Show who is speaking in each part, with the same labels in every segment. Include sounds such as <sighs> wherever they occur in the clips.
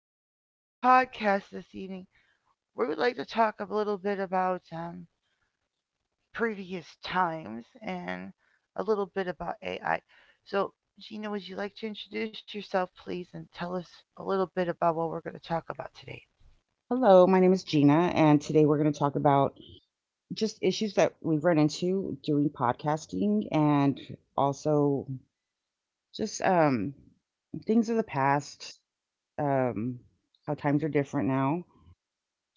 Speaker 1: here to do a podcast this evening. We would like to talk a little bit about previous times and a little bit about AI. So, Gina, would you like to introduce yourself, please, and tell us a little bit about what we're going to talk about today?
Speaker 2: Hello, my name is Gina, and today we're going to talk about just issues that we've run into doing podcasting and also just things of the past, um, how times are different now.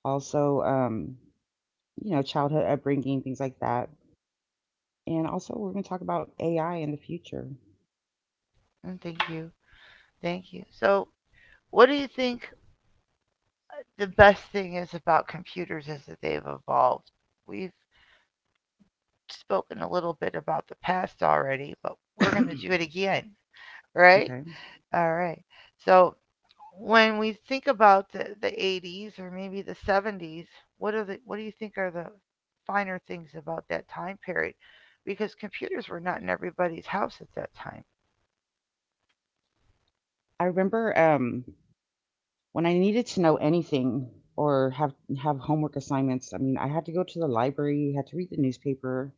Speaker 2: Also, you know, childhood upbringing, things like that. And also, we're going to talk about AI in the future.
Speaker 1: And thank you. Thank you. So, what do you think the best thing is about computers is that they've evolved? We've spoken a little bit about the past already, but
Speaker 2: <coughs> <clears throat>
Speaker 1: we're
Speaker 2: Okay.
Speaker 1: going to do it again, right? All right. So when we think about the 80s or maybe the 70s, what are the what do you think are the finer things about that time period? Because computers were not in everybody's house at that time.
Speaker 2: I remember when I needed to know anything or have homework assignments. I mean, I had to go to the library, had to read the newspaper,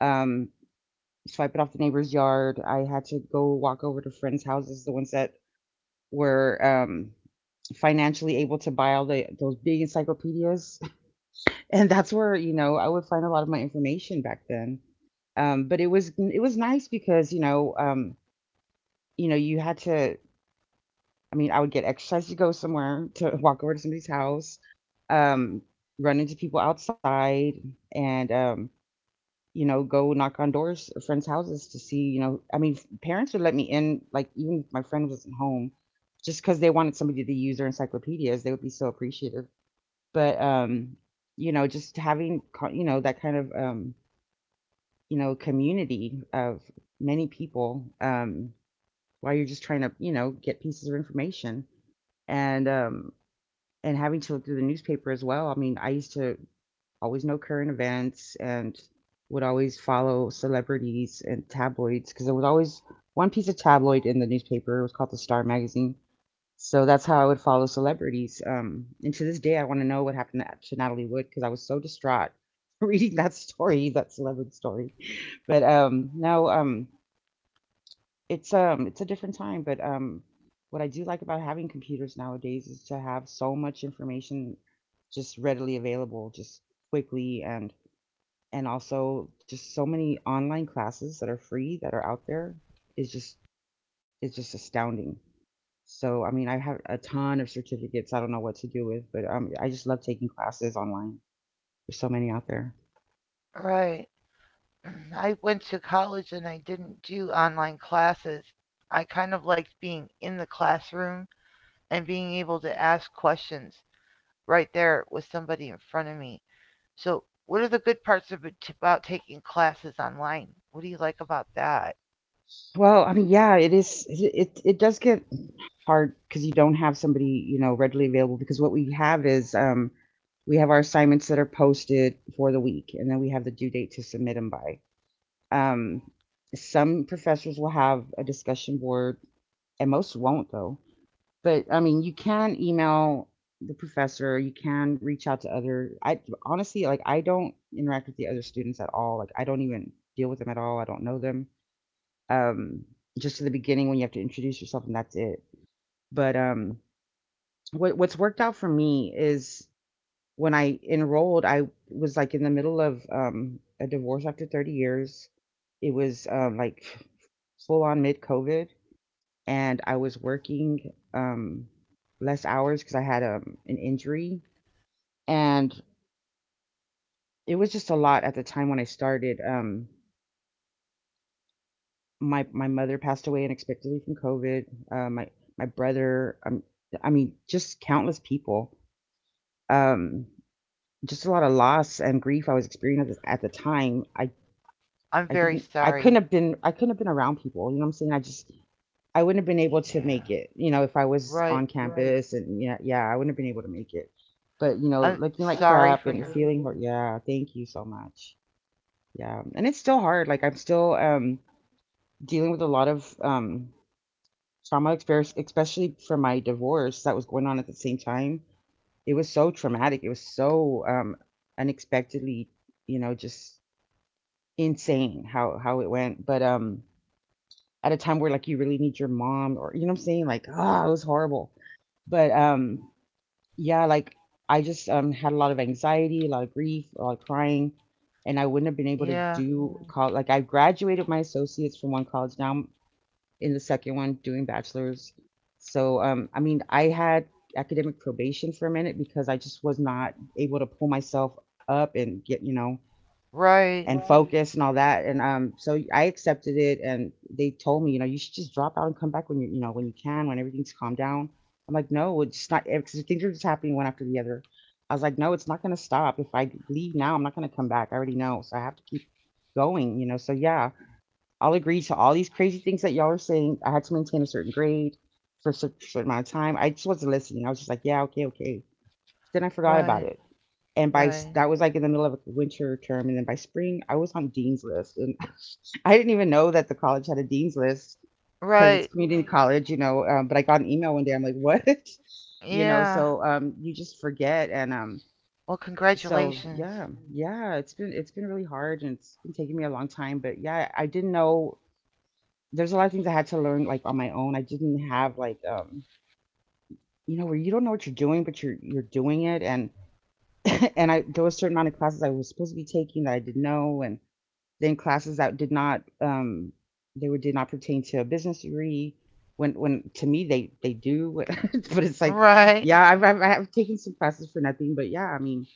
Speaker 2: um, swipe it off the neighbor's yard. I had to go walk over to friends' houses, the ones that were financially able to buy all the those big encyclopedias, <laughs> and that's where you know I would find a lot of my information back then. But it was nice because you know you know you had to. I mean, I would get exercise to go somewhere to walk over to somebody's house, um, run into people outside, and you know, go knock on doors of friends' houses to see, you know I mean, parents would let me in, like, even if my friend wasn't home, just because they wanted somebody to use their encyclopedias, they would be so appreciative. But, you know, just having co you know, that kind of, you know, community of many people, while you're just trying to, you know, get pieces of information. And and having to look through the newspaper as well. I mean, I used to always know current events and would always follow celebrities and tabloids because there was always one piece of tabloid in the newspaper. It was called the Star Magazine. So that's how I would follow celebrities. And to this day, I want to know what happened to Natalie Wood because I was so distraught <laughs> reading that story, that celebrity story. But No, it's a different time, but, what I do like about having computers nowadays is to have so much information just readily available, just quickly and also just so many online classes that are free that are out there is just is just astounding. So, I mean, I have a ton of certificates I don't know what to do with, but I just love taking classes online. There's so many out there.
Speaker 1: Right. <clears throat> I went to college and I didn't do online classes. I kind of liked being in the classroom and being able to ask questions right there with somebody in front of me. So, what are the good parts of, about taking classes online? What do you like about that?
Speaker 2: Well, I mean, yeah, it is. It does get hard because you don't have somebody you know readily available. Because what we have is we have our assignments that are posted for the week, and then we have the due date to submit them by. Um, some professors will have a discussion board, and most won't though. But I mean, you can email the professor. You can reach out to other. I honestly like I don't interact with the other students at all. Like I don't even deal with them at all. I don't know them, um, just to the beginning when you have to introduce yourself and that's it. But What's worked out for me is when I enrolled, I was like in the middle of a divorce after 30 years. It was like full on mid COVID, and I was working less hours because I had an injury, and it was just a lot at the time when I started. My mother passed away unexpectedly from COVID. Uh, my my brother, I mean, just countless people. Um, just a lot of loss and grief I was experiencing at at the time. I
Speaker 1: I'm
Speaker 2: I
Speaker 1: very
Speaker 2: didn't I
Speaker 1: sorry.
Speaker 2: couldn't have been I couldn't have been around people. You know what I'm saying? I just I wouldn't have been able to
Speaker 1: Yeah,
Speaker 2: make it. You know, if I was
Speaker 1: right.
Speaker 2: on Right. campus and yeah, I wouldn't have been able to make it. But you know,
Speaker 1: I'm
Speaker 2: looking like I
Speaker 1: sorry
Speaker 2: crap
Speaker 1: for
Speaker 2: and
Speaker 1: your.
Speaker 2: sorry. Feeling yeah. Thank you so much. Yeah, and it's still hard. Like I'm still dealing with a lot of trauma experience, especially from my divorce that was going on at the same time. It was so traumatic. It was so unexpectedly, you know, just insane how it went. But At a time where like you really need your mom, or you know, what I'm saying like ah, it was horrible. But Yeah, like I just had a lot of anxiety, a lot of grief, a lot of crying, and I wouldn't have been able to
Speaker 1: Yeah,
Speaker 2: do college. Like I graduated my associates from one college, now in the second one doing bachelor's. So, I mean, I had academic probation for a minute because I just was not able to pull myself up and get, you know,
Speaker 1: right,
Speaker 2: and focus and all that. And So I accepted it, and they told me, you know, you should just drop out and come back when you know, when you can, when everything's calmed down. I'm like, no, it's not because things are just happening one after the other. I was like, no, it's not going to stop. If I leave now, I'm not going to come back. I already know, so I have to keep going, you know. So yeah, I'll agree to all these crazy things that y'all are saying. I had to maintain a certain grade for a certain amount of time. I just wasn't listening. I was just like, yeah, okay, okay. Then I forgot about
Speaker 1: right,
Speaker 2: it. And by
Speaker 1: right,
Speaker 2: that was like in the middle of a winter term. And then by spring, I was on Dean's list. And <laughs> I didn't even know that the college had a Dean's list because it's
Speaker 1: right.
Speaker 2: community college, you know. But I got an email one day. I'm like, what? <laughs> You know,
Speaker 1: Yeah.
Speaker 2: so you just forget. And
Speaker 1: Well,
Speaker 2: So
Speaker 1: congratulations.
Speaker 2: yeah, yeah, it's been really hard and it's been taking me a long time. But yeah, I didn't know there's a lot of things I had to learn like on my own. I didn't have like you know where you don't know what you're doing but you're doing it and <laughs> and I there was a certain amount of classes I was supposed to be taking that I didn't know and then classes that did not they were did not pertain to a business degree when to me they do. <laughs> But it's like
Speaker 1: Right,
Speaker 2: yeah I've taken some classes for nothing, but yeah I mean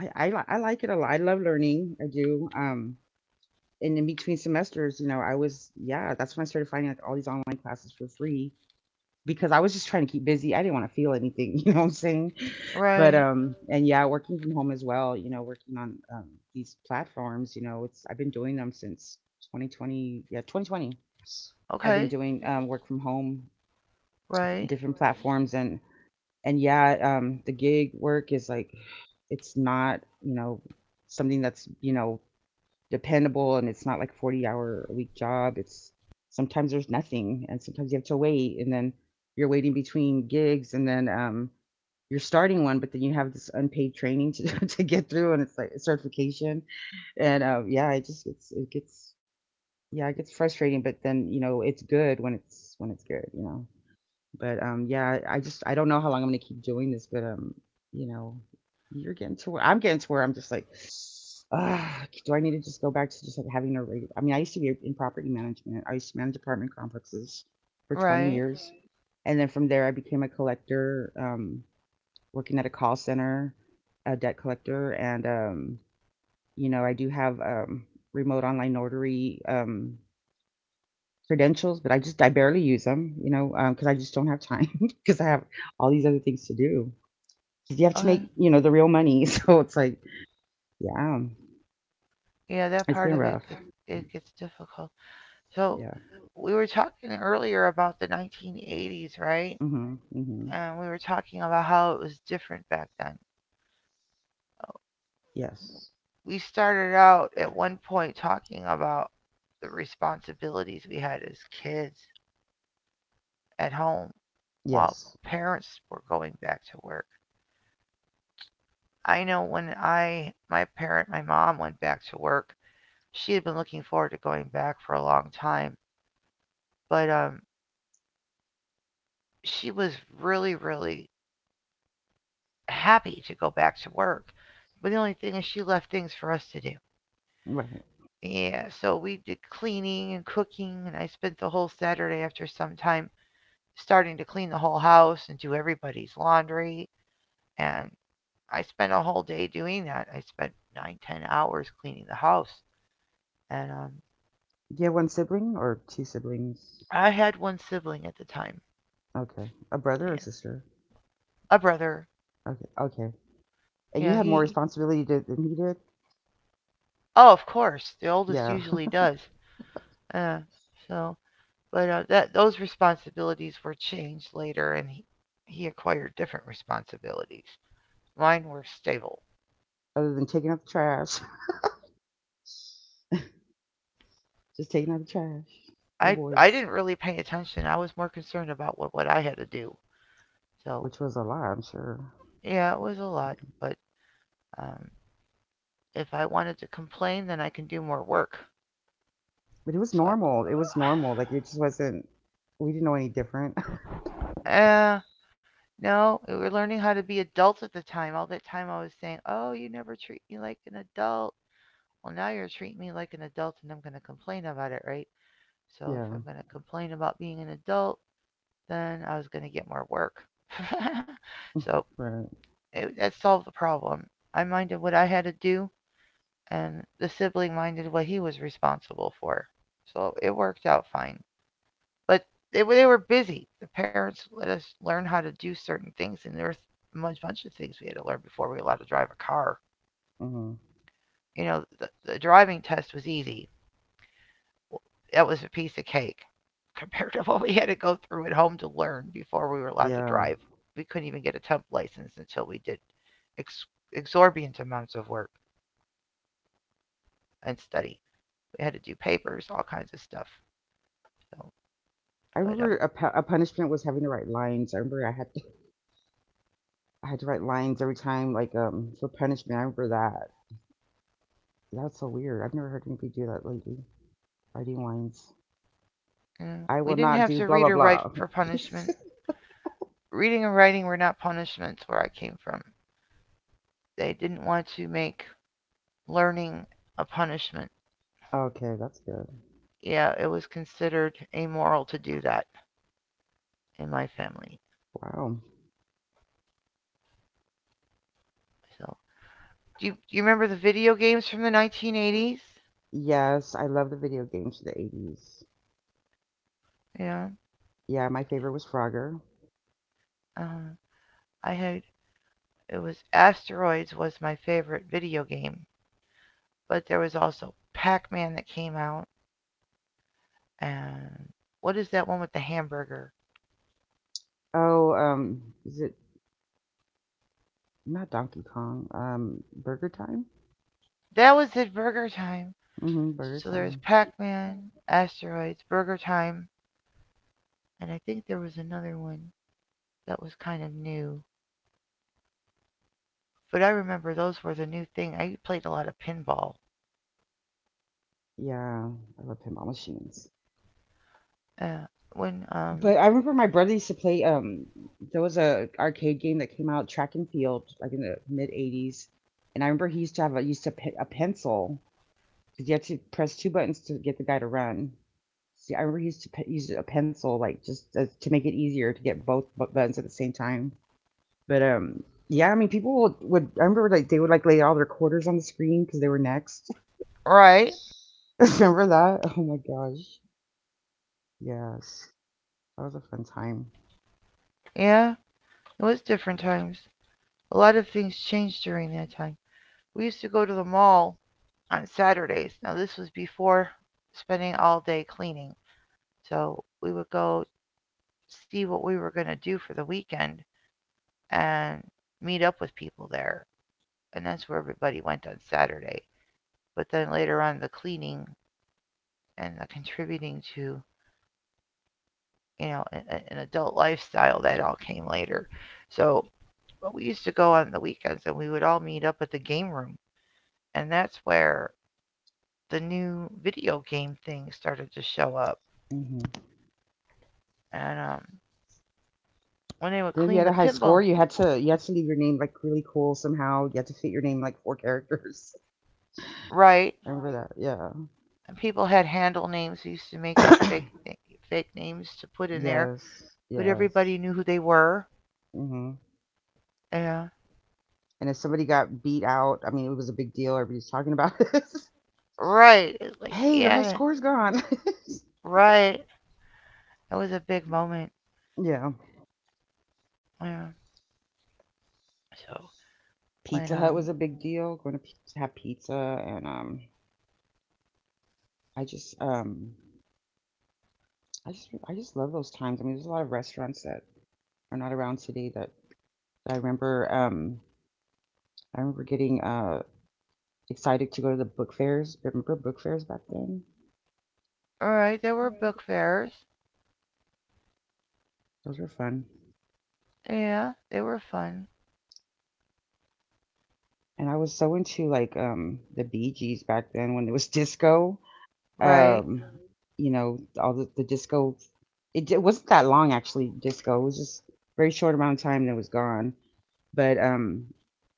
Speaker 2: I like it a lot. I love learning I do. And in between semesters, you know I was, yeah, that's when I started finding like all these online classes for free because I was just trying to keep busy. I didn't want to feel anything, <laughs> you know what I'm saying? But
Speaker 1: right.
Speaker 2: And yeah, working from home as well, you know, working on these platforms, you know, it's I've been doing them since 2020, yeah, 2020. I've been
Speaker 1: Okay,
Speaker 2: doing work from home,
Speaker 1: right,
Speaker 2: different platforms, and yeah, the gig work is like it's not, you know, something that's, you know, dependable, and it's not like a 40 hour a week job. It's sometimes there's nothing and sometimes you have to wait and then you're waiting between gigs and then you're starting one but then you have this unpaid training to <laughs> to get through and it's like a certification and yeah it gets yeah it gets frustrating but then you know it's good when it's good you know. But Yeah, I just I don't know how long I'm gonna keep doing this, but you know, you're getting to where I'm getting to where I'm just like, ah, do I need to just go back to just like having a regular? I mean, I used to be in property management. I used to manage apartment complexes for 20
Speaker 1: right.
Speaker 2: years, and then from there I became a collector, working at a call center, a debt collector, and you know, I do have remote online notary credentials, but I just I barely use them, you know, because I just don't have time <laughs> because I have all these other things to do. 'Cause you have to
Speaker 1: Okay.
Speaker 2: make you know the real money, <laughs> so it's like yeah,
Speaker 1: Yeah, that
Speaker 2: it's
Speaker 1: part
Speaker 2: been
Speaker 1: of
Speaker 2: rough.
Speaker 1: it gets difficult. So,
Speaker 2: Yeah.
Speaker 1: we were talking earlier about the 1980s, right?
Speaker 2: Mm-hmm. Mm-hmm.
Speaker 1: And we were talking about how it was different back then.
Speaker 2: Yes.
Speaker 1: We started out at one point talking about the responsibilities we had as kids at home while
Speaker 2: Yes.
Speaker 1: parents were going back to work. I know when my mom went back to work, she had been looking forward to going back for a long time, but she was really, really happy to go back to work. But the only thing is, she left things for us to do.
Speaker 2: Right.
Speaker 1: Yeah, so we did cleaning and cooking, and I spent the whole Saturday after some time starting to clean the whole house and do everybody's laundry. And I spent a whole day doing that. I spent nine, 10 hours cleaning the house. And
Speaker 2: Do you have one sibling or two siblings?
Speaker 1: I had one sibling at the time,
Speaker 2: Okay, a brother or
Speaker 1: yeah,
Speaker 2: sister?
Speaker 1: a brother.
Speaker 2: Okay. Okay. And you
Speaker 1: Yeah,
Speaker 2: have more
Speaker 1: he.
Speaker 2: responsibility to, than he did.
Speaker 1: Oh, of course, the oldest
Speaker 2: Yeah.
Speaker 1: usually does. Uh, so, but that those responsibilities were changed later, and he acquired different responsibilities. Mine were stable.
Speaker 2: <laughs> Other than taking out the trash, <laughs> just taking out the trash for the
Speaker 1: I
Speaker 2: boys,
Speaker 1: didn't really pay attention. I was more concerned about what I had to do. So
Speaker 2: which was a lot, I'm sure.
Speaker 1: yeah, it was a lot. But um, if I wanted to complain, then I can do more work.
Speaker 2: But it was
Speaker 1: So
Speaker 2: normal. It was normal. Like it just wasn't. We didn't know any different. <laughs>
Speaker 1: I, <sighs> no, we were learning how to be adults at the time. All that time I was saying, oh, you never treat me like an adult. Well, now you're treating me like an adult, and I'm gonna complain about it, right? So if
Speaker 2: Yeah.
Speaker 1: I'm gonna complain about being an adult, then I was gonna get more work. So
Speaker 2: Right.
Speaker 1: that solved the problem. I minded what I had to do, and the sibling minded what he was responsible for. So it worked out fine. But they were busy. The parents let us learn how to do certain things, and there were a bunch of things we had to learn before we were allowed to drive a car.
Speaker 2: Hmm.
Speaker 1: You know, the driving test was easy. That was a piece of cake <laughs> compared to what we had to go through at home to learn before we were allowed to
Speaker 2: Yeah.
Speaker 1: drive. We couldn't even get a temp license until we did ex- exorbitant amounts of work and study. We had to do papers, all kinds of stuff. So,
Speaker 2: I
Speaker 1: but
Speaker 2: remember a punishment was having to write lines. I remember I had to write lines every time, like for punishment. I remember that. That's so weird. I've never heard anybody do that lately. Writing lines.
Speaker 1: mm,
Speaker 2: I
Speaker 1: we
Speaker 2: will
Speaker 1: didn't
Speaker 2: not
Speaker 1: have
Speaker 2: do
Speaker 1: to
Speaker 2: blah
Speaker 1: read
Speaker 2: blah
Speaker 1: or write
Speaker 2: blah.
Speaker 1: for
Speaker 2: <laughs>
Speaker 1: punishment. Reading and writing were not punishments where I came from. They didn't want to make learning a punishment.
Speaker 2: Okay, that's good.
Speaker 1: Yeah, it was considered amoral to do that in my family.
Speaker 2: Wow.
Speaker 1: So, do do you remember the video games from the 1980s?
Speaker 2: Yes, I love the video games of the 80s.
Speaker 1: Yeah.
Speaker 2: Yeah, my favorite was Frogger.
Speaker 1: Uh, I had it was Asteroids was my favorite video game, but there was also Pac-Man that came out and what is that one with the hamburger?
Speaker 2: Oh, is it Not Donkey Kong. Burger Time.
Speaker 1: That was it, Burger Time.
Speaker 2: Mm hmm Burger
Speaker 1: So there's
Speaker 2: Time.
Speaker 1: Pac Man, Asteroids, Burger Time, and I think there was another one that was kind of new. But I remember those were the new thing. I played a lot of pinball.
Speaker 2: Yeah, I love pinball machines.
Speaker 1: Uh, when, um,
Speaker 2: But I remember my brother used to play. There was a arcade game that came out, Track and Field, like in the mid '80s. And I remember he used to have a used to pe- a pencil because you had to press two buttons to get the guy to run. See, I remember he used to use a pencil, like just as, to make it easier to get both buttons at the same time. But yeah, I mean, people would I remember like they would like lay all their quarters on the screen because they were next.
Speaker 1: right?
Speaker 2: <laughs> Remember that? Oh my gosh. Yes. That was a fun time.
Speaker 1: Yeah, it was different times. A lot of things changed during that time. We used to go to the mall on Saturdays. Now, this was before spending all day cleaning. So we would go see what we were going to do for the weekend and meet up with people there, and that's where everybody went on Saturday. But then later on, the cleaning and the contributing to you know an, an adult lifestyle that all came later. So we used to go on the weekends and we would all meet up at the game room, and that's where the new video game thing started to show up.
Speaker 2: Hmm
Speaker 1: And when they would
Speaker 2: Then if you
Speaker 1: clean
Speaker 2: had a
Speaker 1: the
Speaker 2: high score,
Speaker 1: pinball,
Speaker 2: you had to leave your name like really cool somehow. You had to fit your name like four characters.
Speaker 1: right?
Speaker 2: <laughs> Remember that? Yeah.
Speaker 1: And people had handle names. They used to make up fake names to put
Speaker 2: <coughs> <clears throat>
Speaker 1: in there,
Speaker 2: Yes.
Speaker 1: but everybody
Speaker 2: Yes.
Speaker 1: knew who they were.
Speaker 2: hmm
Speaker 1: Yeah,
Speaker 2: And if somebody got beat out, I mean, it was a big deal. Everybody's talking about <laughs> it.
Speaker 1: right. It's like
Speaker 2: Hey, your high
Speaker 1: yeah,
Speaker 2: score's gone.
Speaker 1: right. That was a big moment.
Speaker 2: <laughs> Yeah.
Speaker 1: Yeah. So when
Speaker 2: Pizza Hut was a big deal. Going to to have pizza, and I just um I just love those times. I mean, there's a lot of restaurants that are not around today that I remember. I remember getting excited to go to the book fairs. Remember book fairs back then?
Speaker 1: all right, there were book fairs.
Speaker 2: Those were fun.
Speaker 1: Yeah, they were fun.
Speaker 2: And I was so into like the Bee Gees back then when it was <laughs> disco.
Speaker 1: Right.
Speaker 2: Um, you know, all the disco. It wasn't that long actually. Disco it was just very short amount of time and it was gone. But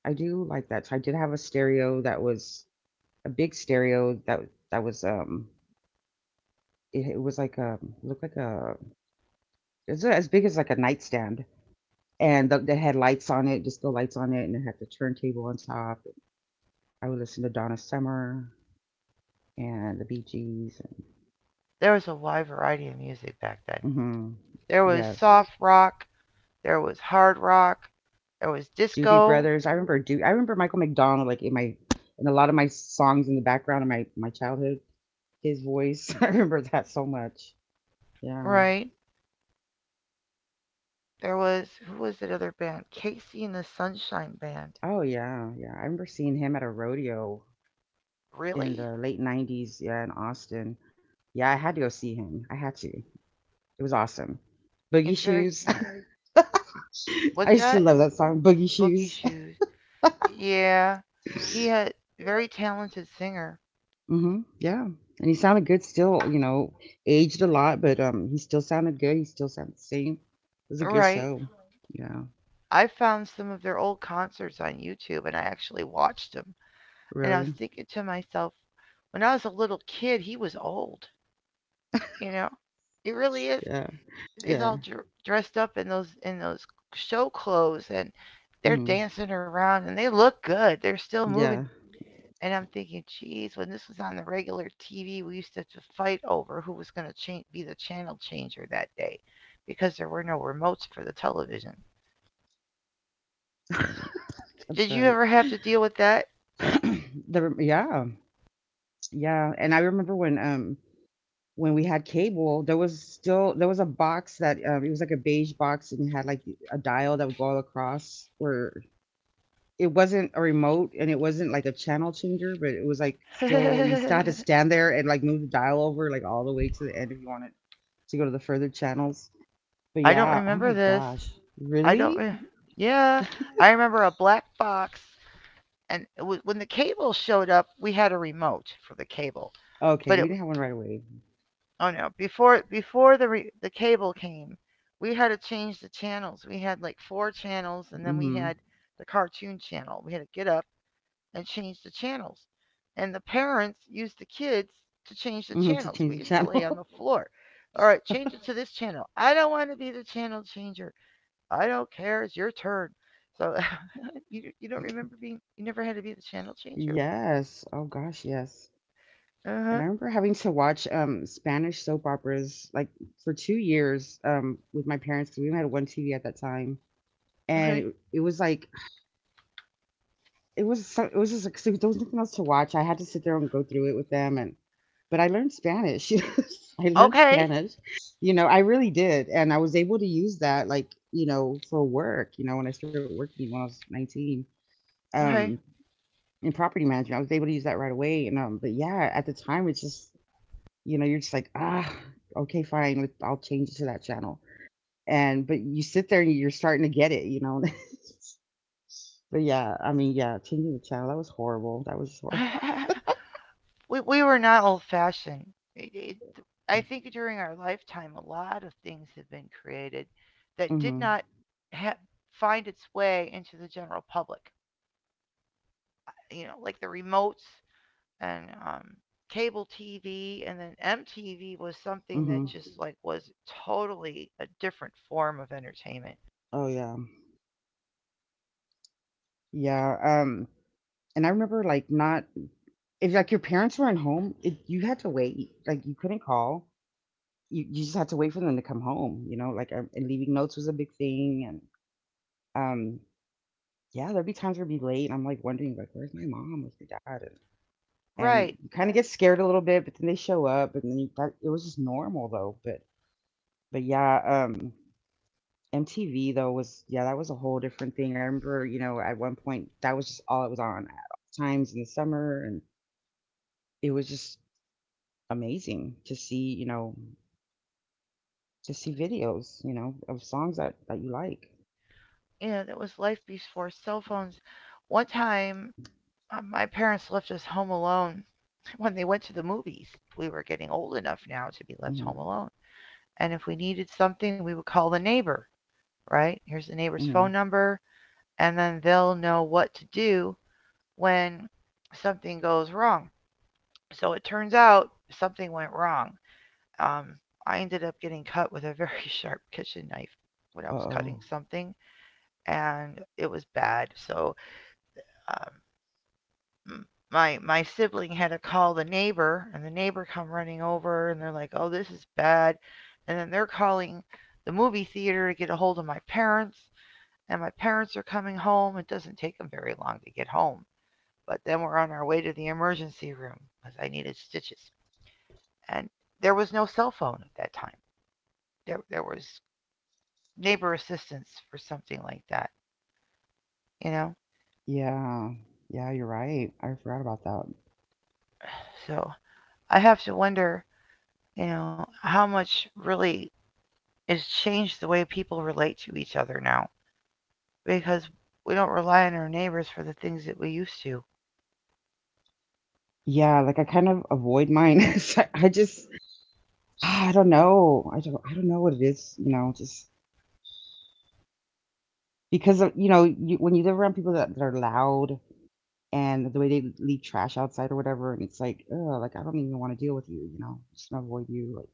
Speaker 2: I do like that. So I did have a stereo that was a big stereo that that was, it it was like a looked like a it's as big as like a nightstand, and they had lights on it, disco lights on it, and it had the turntable on top. I would listen to Donna Summer and the Bee Gees and
Speaker 1: There was a wide variety of music back then.
Speaker 2: mhm.
Speaker 1: There was
Speaker 2: Yes.
Speaker 1: soft rock, there was hard rock, there was
Speaker 2: Doobie
Speaker 1: disco,
Speaker 2: Brothers. I remember Michael McDonald, like, in my in a lot of my songs in the background of my childhood, his voice. <laughs> I remember that so much. Yeah.
Speaker 1: right? There was who was that other band? Casey and the Sunshine Band.
Speaker 2: Oh, yeah, yeah. I remember seeing him at a rodeo in
Speaker 1: Really?
Speaker 2: the late 90s, yeah, in Austin. Yeah, I had to go see him. I had to. It was awesome. Boogie
Speaker 1: It's very
Speaker 2: Shoes. <laughs> I
Speaker 1: what's
Speaker 2: used to
Speaker 1: that?
Speaker 2: love that song, Boogie
Speaker 1: Boogie
Speaker 2: Shoes.
Speaker 1: Shoes. Yeah. He had very talented singer.
Speaker 2: <laughs> hmm Yeah. And he sounded good still, you know, aged a lot, but he still sounded good. He still sounded the same. It was a good
Speaker 1: Right.
Speaker 2: show. Yeah.
Speaker 1: I found some of their old concerts on YouTube and I actually watched them. And I was
Speaker 2: Really?
Speaker 1: thinking to myself, when I was a little kid, he was old, you know? It really is.
Speaker 2: Yeah.
Speaker 1: He's
Speaker 2: Yeah.
Speaker 1: all dressed up in those show clothes and they're
Speaker 2: hmm
Speaker 1: dancing around and they look good. They're still
Speaker 2: Yeah.
Speaker 1: moving. And I'm thinking, geez, when this was on the regular TV, we used to fight over who was going to be the channel changer that day because there were no remotes for the television.
Speaker 2: <laughs> That's
Speaker 1: Did you
Speaker 2: right.
Speaker 1: ever have to deal with that?
Speaker 2: <clears throat> Yeah. Yeah. And I remember when we had cable, there was a box that it was like a beige box and it had like a dial that would go all across where it wasn't a remote and it wasn't like a channel changer, but it was like still you still had to
Speaker 1: <laughs>
Speaker 2: stand there and like move the dial over like all the way to the end if you wanted to go to the further channels. But
Speaker 1: I don't
Speaker 2: yeah, oh my
Speaker 1: remember this.
Speaker 2: gosh,
Speaker 1: I don't.
Speaker 2: really?
Speaker 1: Yeah, I remember a black box, and when the cable showed up, we had a remote for the cable.
Speaker 2: Okay,
Speaker 1: But
Speaker 2: we didn't have one right away.
Speaker 1: oh no, before the cable came, we had to change the channels. We had like 4 channels, and then we
Speaker 2: Mm-hmm.
Speaker 1: had the cartoon channel. We had to get up and change the channels, and the parents used the kids to change the
Speaker 2: hmm to
Speaker 1: channels.
Speaker 2: change
Speaker 1: We
Speaker 2: the
Speaker 1: used to lay on the
Speaker 2: channel.
Speaker 1: floor. All right, change it to this channel. I don't want to be the channel changer. I don't care. It's your turn. So <laughs> you don't remember being you never had to be the channel
Speaker 2: <laughs>
Speaker 1: changer.
Speaker 2: Yes. Oh gosh, yes.
Speaker 1: Uh
Speaker 2: And
Speaker 1: huh.
Speaker 2: I remember having to watch, Spanish soap operas, like, for 2 years, with my parents 'cause we only had 1 TV at that time, and
Speaker 1: Okay.
Speaker 2: it was like it was so it was just like, since there was nothing else to watch, I had to sit there and go through it with them and but I learned Spanish. <laughs> I learned
Speaker 1: Okay.
Speaker 2: Spanish, you know, I really did, and I was able to use that, like, you know, for work, you know, when I started working when I was 19, um,
Speaker 1: Okay.
Speaker 2: in property management, I was able to use that right away, and, but yeah, at the time, it's just you know, you're just like, ah, okay, fine. With I'll change it to that channel. And but you sit there and you're starting to get it, you know. <laughs> But yeah, I mean, yeah, changing the channel that was horrible. That was horrible.
Speaker 1: <laughs> We were not old fashioned. It, it, I think during our lifetime, a lot of things have been created that did
Speaker 2: Mhm.
Speaker 1: not ha- find its way into the general public. You know, like the remotes and cable TV, and then MTV was something that
Speaker 2: Mhm.
Speaker 1: just
Speaker 2: <laughs>
Speaker 1: like was totally a different form of entertainment.
Speaker 2: Oh yeah. Yeah. And I remember like not if like your parents weren't home, you had to wait. Like you couldn't call. You just had to wait for them to come home. You know, like and leaving notes was a big thing. And um, yeah, there'd be times where we'd be late, and I'm like wondering like, where's my mom? Where's my dad? And
Speaker 1: Right.
Speaker 2: you kind of get scared a little bit, but then they show up, and then it was just normal though. But yeah, MTV though was yeah that was a whole different thing. I remember you know at one point that was just all it was on at all times in the summer, and it was just amazing to see you know to see videos you know of songs that you like.
Speaker 1: Yeah, that was life before cell phones. One time, my parents left us home alone <laughs> when they went to the movies. We were getting old enough now to be left home
Speaker 2: Hmm
Speaker 1: alone. And if we needed something, we would call the neighbor, right? Here's the neighbor's
Speaker 2: hmm
Speaker 1: phone number, and then they'll know what to do when something goes wrong. So it turns out something went wrong. Um, I ended up getting cut with a very <laughs> sharp kitchen knife when I
Speaker 2: Uh
Speaker 1: was
Speaker 2: oh,
Speaker 1: cutting something, and it was bad. So um, my sibling had to call the neighbor, and the neighbor come running over, and they're like, "Oh, this is bad," and then they're calling the movie theater to get a hold of my parents, and my parents are coming home. It doesn't take them very long to get home, but then we're on our way to the emergency room because I needed stitches, and there was no cell phone at that time. There was neighbor assistance for something like that, you know.
Speaker 2: yeah, yeah, you're right. I forgot about that.
Speaker 1: So I have to wonder, you know, how much really it's changed the way people relate to each other now because we don't rely on our neighbors for the things that we used to.
Speaker 2: Yeah, like I kind of avoid mine. <laughs> So I don't know. I don't know what it is, you know, just because of, you know, you when you live around people that are loud and the way they leave trash outside or whatever, and it's like, oh, like I don't even want to deal with you, you know, just gonna avoid you. Like,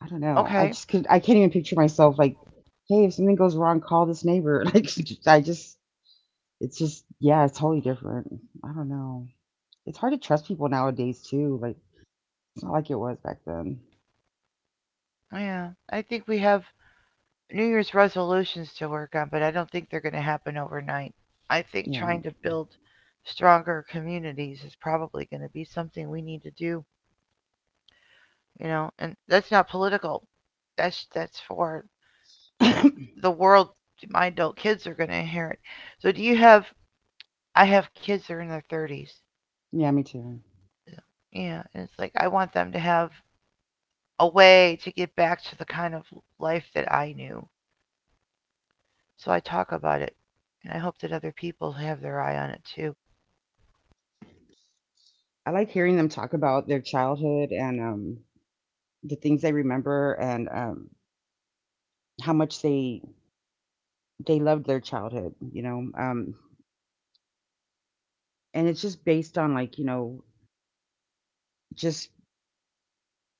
Speaker 2: I don't know. I
Speaker 1: Okay,
Speaker 2: just could I can't even picture myself like, hey, if something goes wrong, call this neighbor. <laughs> Like I just it's just yeah, it's totally different. I don't know. It's hard to trust people nowadays too. Like it's not like it was back then.
Speaker 1: yeah. I think we have New Year's resolutions to work on, but I don't think they're going to happen overnight. I think
Speaker 2: Yeah.
Speaker 1: trying to build stronger communities is probably going to be something we need to do, you know, and that's not political. That's for
Speaker 2: <coughs> <clears throat>
Speaker 1: the world my adult kids are going to inherit. So do you have I have kids that are in their 30s.
Speaker 2: Yeah, me too.
Speaker 1: Yeah, and it's like I want them to have a way to get back to the kind of life that I knew. So I talk about it, and I hope that other people have their eye on it too.
Speaker 2: I like hearing them talk about their childhood and, the things they remember and, how much they loved their childhood, you know, and it's just based on, like, you know, just,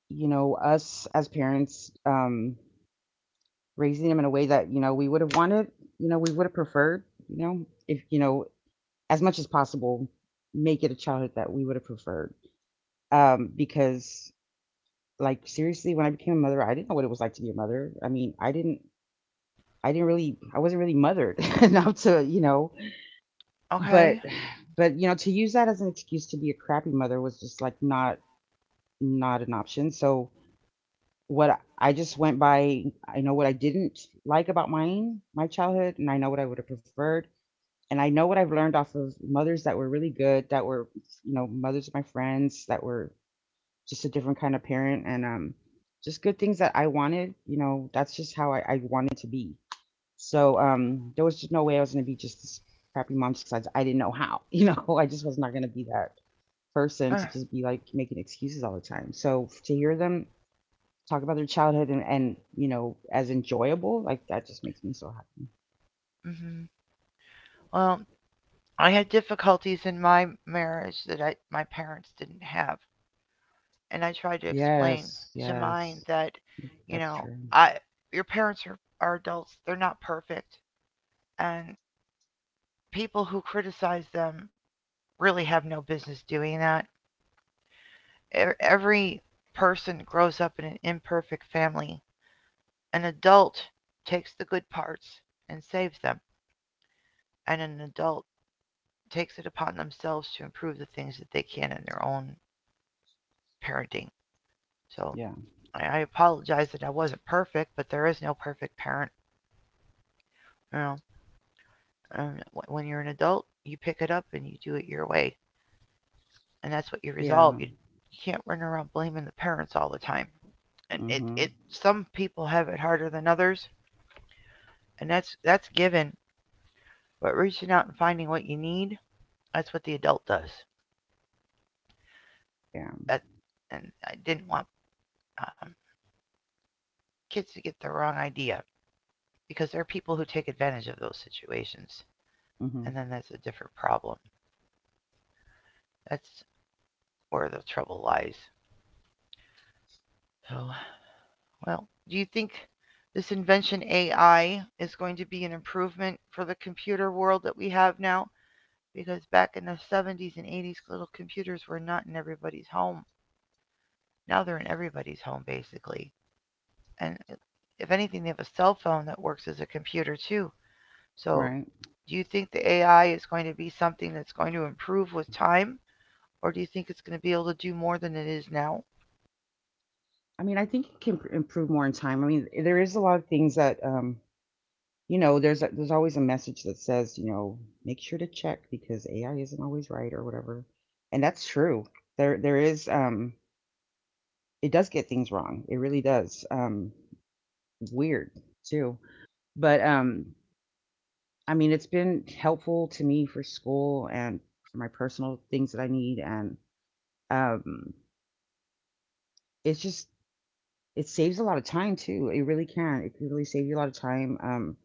Speaker 2: you know, us as parents, raising them in a way that, you know, we would have wanted, you know, we would have preferred, you know, if, you know, as much as possible, make it a childhood that we would have preferred, because, like, seriously, when I became a mother, I didn't know what it was like to be a mother. I mean, I didn't really, I wasn't really mothered <laughs> enough to, you know, but,
Speaker 1: Okay.
Speaker 2: but, you know, to use that as an excuse to be a crappy mother was just like not, not an option. So I just went by, I know what I didn't like about my childhood, and I know what I would have preferred. And I know what I've learned off of mothers that were really good, that were, you know, mothers of my friends that were just a different kind of parent and, just good things that I wanted, you know, that's just how I wanted to be. So there was just no way I was going to be just this crappy mom. Just Besides, I didn't know how. <laughs> You know, I just was not going to be that person
Speaker 1: Uh,
Speaker 2: to just be like making excuses all the time. So to hear them talk about their childhood and, you know as enjoyable, like that just makes me so happy.
Speaker 1: hmm Well, I had difficulties in my marriage that my parents didn't have, and I tried to explain
Speaker 2: Yes,
Speaker 1: to mine
Speaker 2: yes,
Speaker 1: that,
Speaker 2: that's true.
Speaker 1: I your parents are, adults; they're not perfect, and people who criticize them really have no business doing that. Every person grows up in an imperfect family. An adult takes the good parts and saves them, and an adult takes it upon themselves to improve the things that they can in their own parenting. So
Speaker 2: Yeah,
Speaker 1: I apologize that I wasn't perfect, but there is no perfect parent. You know, um, when you're an adult, you pick it up and you do it your way, and that's what you resolve.
Speaker 2: yeah.
Speaker 1: You can't run around blaming the parents all the time. And it,
Speaker 2: Mhm.
Speaker 1: it some people have it harder than others, and that's given. But reaching out and finding what you need, that's what the adult does.
Speaker 2: Yeah.
Speaker 1: that, and I didn't want um, kids to get the wrong idea because there are people who take advantage of those situations, and
Speaker 2: Mhm.
Speaker 1: then that's a different problem. That's where the trouble lies. So, well, do you think this invention AI is going to be an improvement for the computer world that we have now? Because back in the 70s and 80s, little computers were not in everybody's home. Now they're in everybody's home, basically. And if anything, they have a cell phone that works as a computer, too. So,
Speaker 2: Right.
Speaker 1: do you think the AI is going to be something that's going to improve with time, or do you think it's going to be able to do more than it is now?
Speaker 2: I mean, I think it can improve more in time. I mean, there is a lot of things that you know, there's there's always a message that says, you know, make sure to check because AI isn't always right or whatever. And that's true. There is it does get things wrong. It really does. Weird too. But I mean, it's been helpful to me for school and for my personal things that I need and um it's just it saves a lot of time too. It really can. It can really save you a lot of time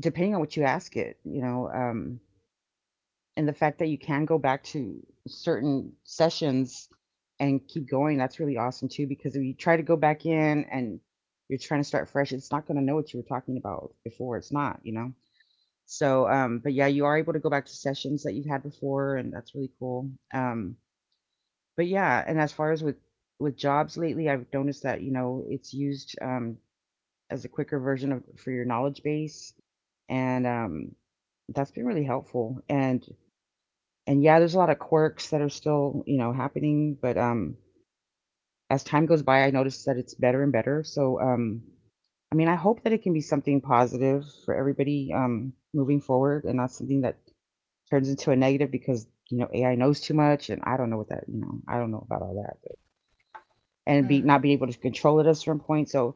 Speaker 2: depending on what you ask it, you know. And the fact that you can go back to certain sessions and keep going, that's really awesome too, because if you try to go back in and you're trying to start fresh, it's not going to know what you were talking about before. It's not. So but yeah, you are able to go back to sessions that you've had before, and that's really cool. But yeah, and as far as with jobs lately, I've noticed that, you know, it's used as a quicker version of for your knowledge base, and that's been really helpful. And yeah, there's a lot of quirks that are still, you know, happening, but, as time goes by, I notice that it's better and better, so, I mean, I hope that it can be something positive for everybody, moving forward, and not something that turns into a negative because, you know, AI knows too much, and I don't know what that, you know, I don't know about all that, but and
Speaker 1: Mm,
Speaker 2: be not being able to control it at a certain point, so,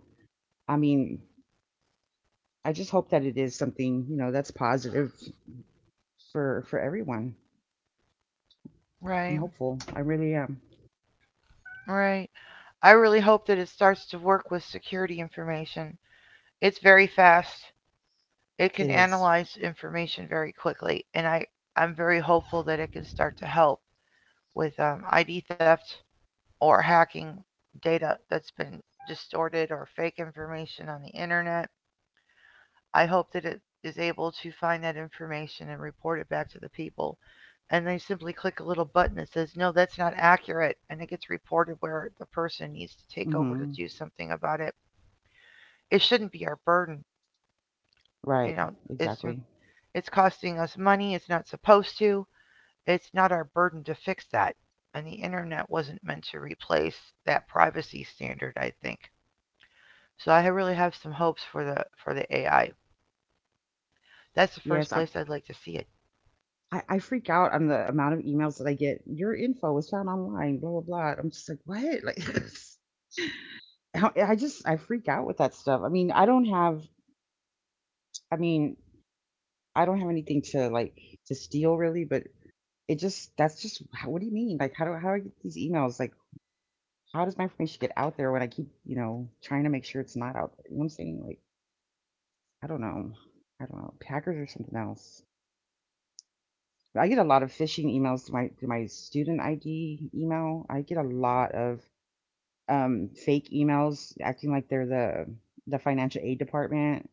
Speaker 2: I mean, I just hope that it is something, you know, that's positive for everyone. I'm
Speaker 1: right,
Speaker 2: hopeful. I really am.
Speaker 1: right. I really hope that it starts to work with security information. It's very fast. It
Speaker 2: It
Speaker 1: can
Speaker 2: is.
Speaker 1: analyze information very quickly, and I'm very hopeful that it can start to help with ID theft or hacking data that's been distorted or fake information on the internet. I hope that it is able to find that information and report it back to the people. And they simply click a little button that says, no, that's not accurate. And it gets reported where the person needs to take over to
Speaker 2: Mhm.
Speaker 1: do something about it. It shouldn't be our burden. You
Speaker 2: Right,
Speaker 1: know, it's,
Speaker 2: exactly.
Speaker 1: it's costing us money. It's not supposed to. It's not our burden to fix that. And the internet wasn't meant to replace that privacy standard, I think. So I really have some hopes for the AI. That's the first
Speaker 2: Yes, I,
Speaker 1: place I'd like to see it.
Speaker 2: I I freak out on the amount of emails that I get. Your info was found online, blah blah blah. I'm just like, what? Like, <laughs> I freak out with that stuff. I mean, I don't have. I mean, I don't have anything to like to steal really, but it just that's just what do you mean? Like, how do I get these emails? Like, how does my information get out there when I keep, trying to make sure it's not out there? You know what I'm saying? Like, I don't know. I don't know. Hackers are something else. I get a lot of phishing emails to my student ID email. I get a lot of fake emails acting like they're the financial aid department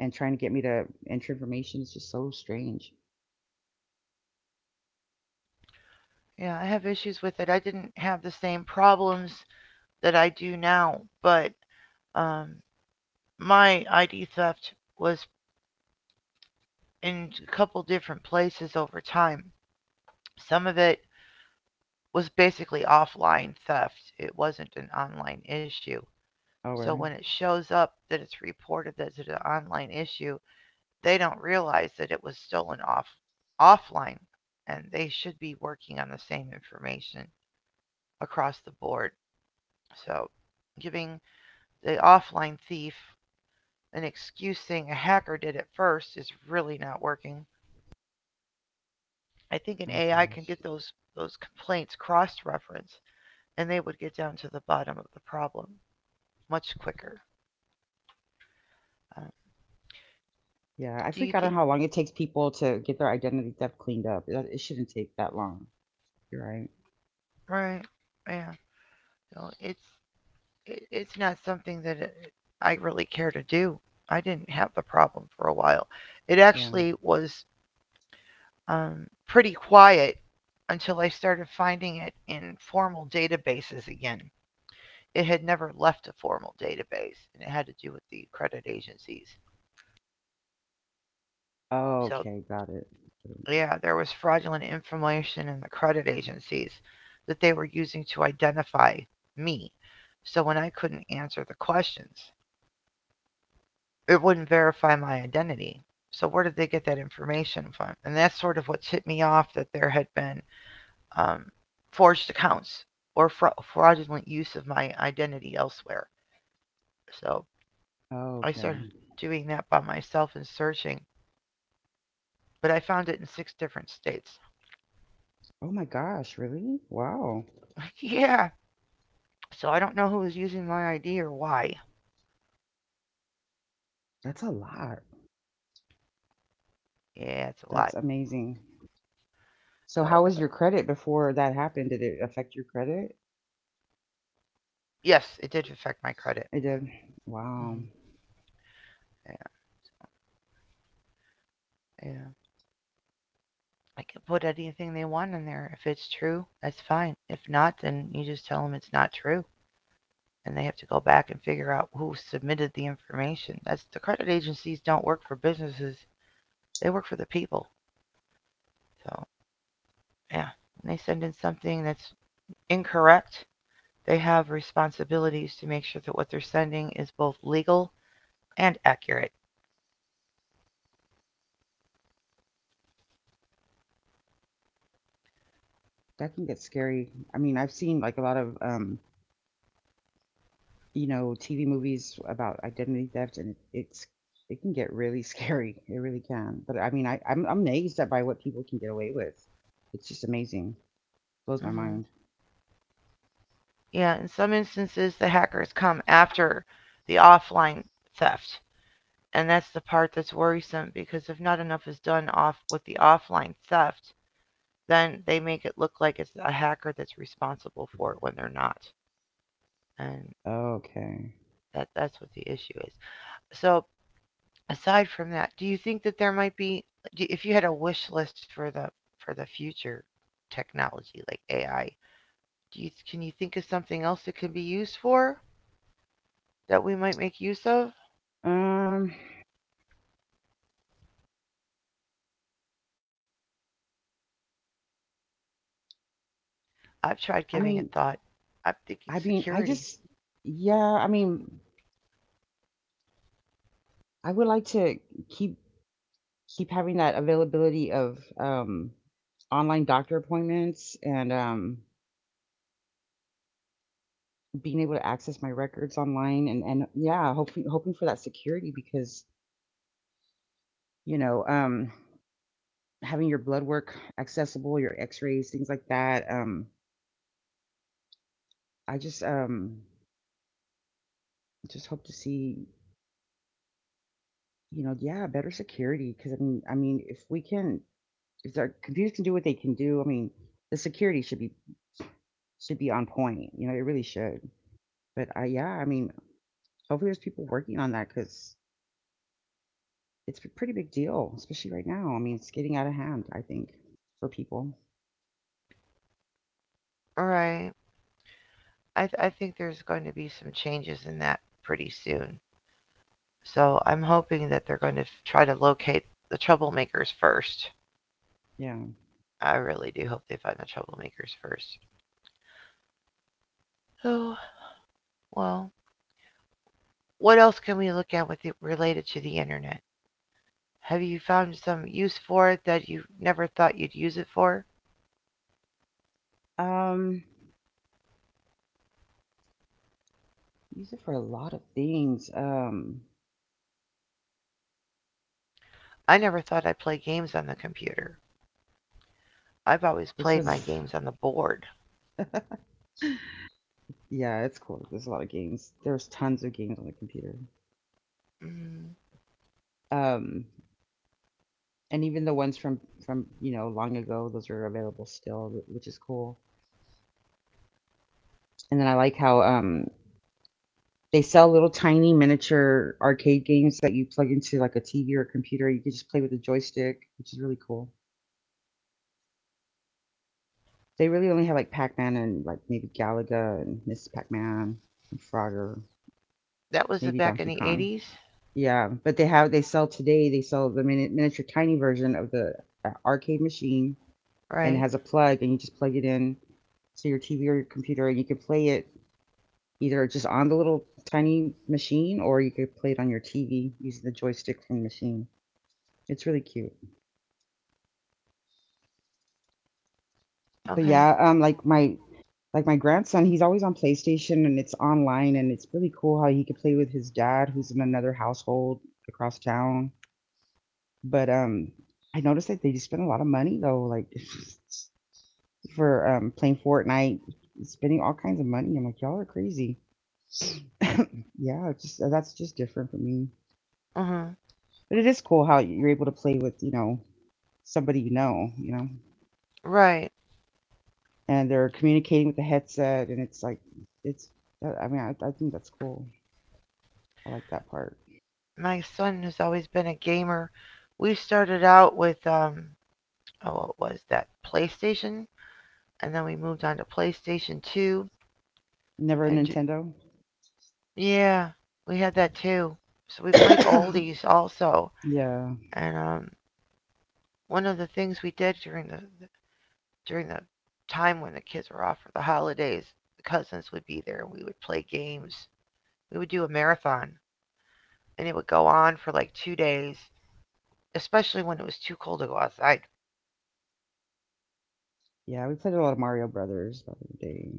Speaker 2: and trying to get me to enter information. It's just so strange.
Speaker 1: Yeah, I have issues with it. I didn't have the same problems that I do now, but um, my ID theft was in a couple different places over time. Some of it was basically offline theft; it wasn't an online issue.
Speaker 2: Oh
Speaker 1: So
Speaker 2: really?
Speaker 1: when it shows up that it's reported that it's an online issue, they don't realize that it was stolen off offline, and they should be working on the same information across the board. So giving the offline thief an excuse saying a hacker did it first is really not working. I think an
Speaker 2: Oh
Speaker 1: AI can
Speaker 2: gosh.
Speaker 1: get those complaints cross-referenced, and they would get down to the bottom of the problem much quicker. Uh,
Speaker 2: Yeah, I
Speaker 1: do you
Speaker 2: freak out
Speaker 1: think?
Speaker 2: on how long it takes people to get their identity theft cleaned up. It shouldn't take that long. You're right.
Speaker 1: Right? Yeah. No, it's it's not something that I really care to do. I didn't have the problem for a while. It
Speaker 2: Yeah.
Speaker 1: actually was um, pretty quiet until I started finding it in formal databases again. It had never left a formal database, and it had to do with the credit agencies. So,
Speaker 2: Okay, got it.
Speaker 1: yeah, there was fraudulent information in the credit agencies that they were using to identify me. So, when I couldn't answer the questions, it wouldn't verify my identity. So, where did they get that information from? And that's sort of what tipped me off that there had been um, forged accounts or fraudulent use of my identity elsewhere. So, I started
Speaker 2: Okay.
Speaker 1: doing that by myself and searching, but I found it in 6 different states.
Speaker 2: Oh my gosh, really? Wow.
Speaker 1: <laughs> Yeah. So I don't know who was using my ID or why.
Speaker 2: That's a lot.
Speaker 1: Yeah, it's a
Speaker 2: That's
Speaker 1: lot.
Speaker 2: amazing. So
Speaker 1: So
Speaker 2: how
Speaker 1: if
Speaker 2: was
Speaker 1: I,
Speaker 2: your credit before that happened? Did it affect your credit?
Speaker 1: yes, it did affect my credit.
Speaker 2: It did. Wow.
Speaker 1: hmm Yeah, yeah. I can put anything they want in there. If it's true, that's fine. If not, then you just tell them it's not true, and they have to go back and figure out who submitted the information. That's the credit agencies don't work for businesses; they work for the people. So yeah, when they send in something that's incorrect, they have responsibilities to make sure that what they're sending is both legal and accurate.
Speaker 2: That can get scary. I mean, I've seen like a lot of you know, TV movies about identity theft, and it can get really <laughs> scary. It really can. But I mean, I'm amazed at by what people can get away with. It's just amazing. Blows my mind.
Speaker 1: hmm Yeah, in some instances, the hackers come after the offline theft. And that's the part that's worrisome because if not enough is done off with the offline theft, then they make it look like it's a hacker that's responsible for it when they're not. And
Speaker 2: Okay.
Speaker 1: that's what the issue is. So aside from that, do you think that there might be if you had a wish list for the future technology like AI, do you can you think of something else it could be used for that we might make use of?
Speaker 2: Um,
Speaker 1: I've tried
Speaker 2: I
Speaker 1: giving it
Speaker 2: mean,
Speaker 1: thought. I'm thinking
Speaker 2: I
Speaker 1: security.
Speaker 2: just, yeah, I mean, I would like to keep keep having that availability of online doctor appointments, and being able to access my records online, and yeah, hoping for that security because you know, having your blood work accessible, your X-rays, things like that. I just hope to see, you know, yeah, better security because I mean if our computers can do what they can do, I mean the security should be on point. You know, it really should. But I, yeah, I mean, hopefully there's people working on that because it's a pretty big deal, especially right now. I mean, it's getting out of hand, I think, for people.
Speaker 1: All right. I think there's going to be some changes in that pretty soon. So I'm hoping that they're going to try to locate the troublemakers first.
Speaker 2: Yeah.
Speaker 1: I really do hope they find the troublemakers first. Oh, well, What else can we look at with it related to the internet? Have you found some use for it that you never thought you'd use it for?
Speaker 2: Um, use it for a lot of things.
Speaker 1: I never thought I'd play games on the computer. I've always
Speaker 2: Which
Speaker 1: played my
Speaker 2: was,
Speaker 1: games on the board.
Speaker 2: <laughs> yeah, it's cool. There's a lot of games. There's tons of games on the computer.
Speaker 1: Mm,
Speaker 2: Um, and even the ones from you know, long ago, those are available still, which is cool. And then I like how they sell little tiny miniature arcade games that you plug into like a TV or a computer. You can just play with a joystick, which is really cool. They really only have like Pac-Man and like maybe Galaga and Miss Pac-Man and Frogger,
Speaker 1: that was
Speaker 2: maybe
Speaker 1: back in
Speaker 2: Donkey
Speaker 1: the
Speaker 2: Kong.
Speaker 1: 80s,
Speaker 2: Yeah, but they sell today. They sell the mini miniature tiny version of the arcade machine, and it
Speaker 1: right?
Speaker 2: has a plug, and you just plug it in to your TV or your computer, and you can play it either just on the little tiny machine, or you could play it on your TV using the joystick from the machine. It's really cute. But
Speaker 1: Okay.
Speaker 2: yeah, like my grandson, he's always on PlayStation, and it's online, and it's really cool how he could play with his dad who's in another household across town. But I noticed that they spend a lot of money though, like <laughs> for playing Fortnite, spending all kinds of money. I'm like, y'all are crazy. <laughs> yeah, it's just that's just different for me.
Speaker 1: Mhm.
Speaker 2: But it is cool how you're able to play with, you know, somebody you know, you know.
Speaker 1: Right.
Speaker 2: And they're communicating with the headset, and it's like it's. I mean, I think that's cool. I like that part.
Speaker 1: My son has always been a gamer. We started out with oh, what was that? PlayStation, and then we moved on to PlayStation 2,
Speaker 2: Never a
Speaker 1: and
Speaker 2: Nintendo.
Speaker 1: Yeah, we had that too. So we
Speaker 2: <coughs>
Speaker 1: played
Speaker 2: yeah,
Speaker 1: oldies also,
Speaker 2: yeah.
Speaker 1: and one of the things we did during the time when the kids were off for the holidays, the cousins would be there and we would play games. We would do a marathon, and it would go on for like 2 days, especially when it was too cold to go outside.
Speaker 2: We played a lot of Mario Brothers back in the day.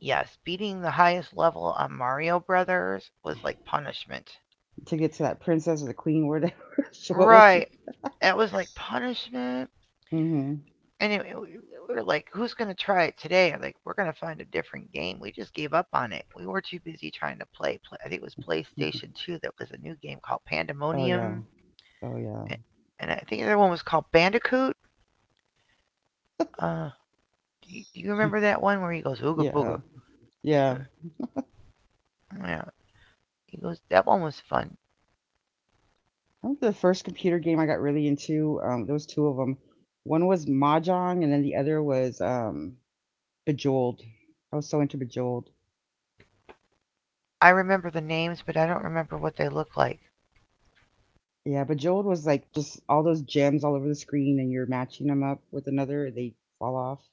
Speaker 1: Yes, beating the highest level on Mario Brothers was like punishment.
Speaker 2: To get to that princess or the queen, whatever. <laughs> What was
Speaker 1: Right,
Speaker 2: she?
Speaker 1: that was like punishment.
Speaker 2: Hmm.
Speaker 1: Anyway, we were like, who's going to try it today? I'm like, we're going to find a different game. We just gave up on it. We were too busy trying to play. I think it was
Speaker 2: Hmm.
Speaker 1: PlayStation 2 that was a new game called
Speaker 2: Oh
Speaker 1: Pandemonium.
Speaker 2: yeah. Oh
Speaker 1: a-
Speaker 2: yeah.
Speaker 1: And I think the other one was called Bandicoot. Uh, do you remember that one where he goes, Ooga Booga?
Speaker 2: Yeah.
Speaker 1: Uh,
Speaker 2: Yeah.
Speaker 1: Yeah, he goes, that one was fun.
Speaker 2: I think the first computer game I got really into. There was two of them. One was Mahjong, and then the other was Bejeweled. I was so into Bejeweled.
Speaker 1: I remember the names, but I don't remember what they look like.
Speaker 2: Yeah, but Joel was like just all those gems all over the screen, and you're matching them up with another, they fall off.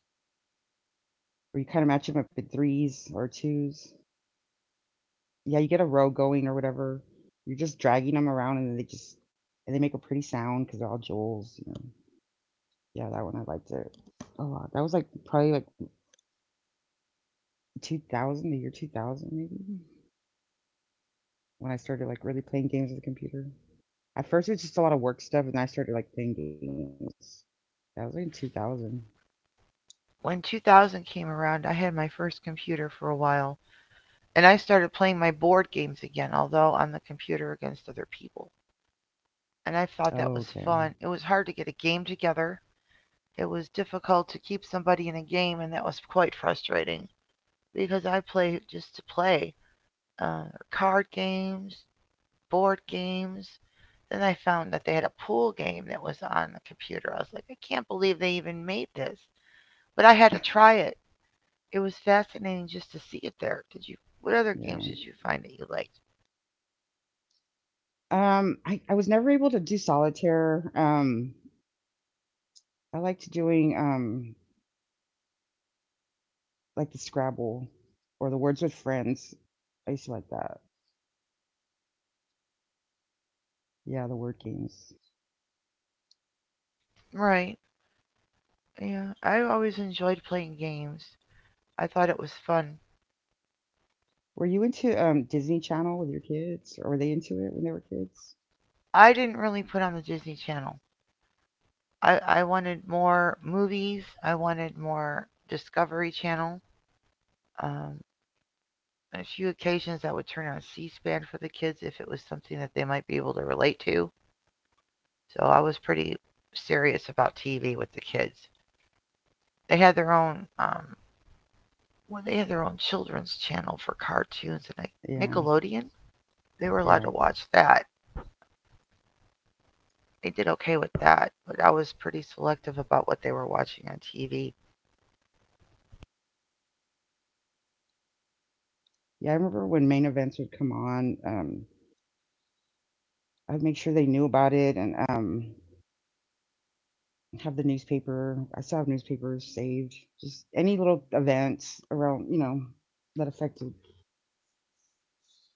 Speaker 2: Or you kind of match them up in threes or twos. Yeah, you get a row going or whatever. You're just dragging them around, and they just and they make a pretty sound because they're all Joels. You know. Yeah, that one I liked it a lot. That was like probably like 2000, the year 2000 maybe, when I started like really playing games with the computer. At first, it was just a lot of work stuff, and then I started like playing games. That was like in 2000.
Speaker 1: When 2000 came around, I had my first computer for a while, and I started playing my board games again, although on the computer against other people. And I
Speaker 2: Oh,
Speaker 1: thought that
Speaker 2: okay.
Speaker 1: was fun. It was hard to get a game together. It was difficult to keep somebody in a game, and that was quite frustrating because I play just to play uh, card games, board games. Then I found that they had a pool game that was on the computer. I was like, I can't believe they even made this, but I had to try it. It was fascinating just to see it there. Did you? What other
Speaker 2: Yeah.
Speaker 1: games did you find that you liked?
Speaker 2: I was never able to do solitaire. I liked doing, like the Scrabble or the Words with Friends. I used to like that. Yeah, the word games.
Speaker 1: Right. Yeah, I always enjoyed playing games. I thought it was fun.
Speaker 2: Were you into, Disney Channel with your kids, or were they into it when they were kids?
Speaker 1: I didn't really put on the Disney Channel. I wanted more movies. I wanted more Discovery Channel. Um, a few occasions I would turn on C-SPAN for the kids if it was something that they might be able to relate to. So I was pretty serious about TV with the kids. They had their own, they had their own children's channel for cartoons and like
Speaker 2: Yeah.
Speaker 1: Nickelodeon. They were allowed
Speaker 2: Yeah.
Speaker 1: to watch that. They did okay with that, but I was pretty selective about what they were watching on TV.
Speaker 2: Yeah, I remember when Main Events would come on, I'd make sure they knew about it, and, have the newspaper. I still have newspapers saved. Just any little events around, you know, that affected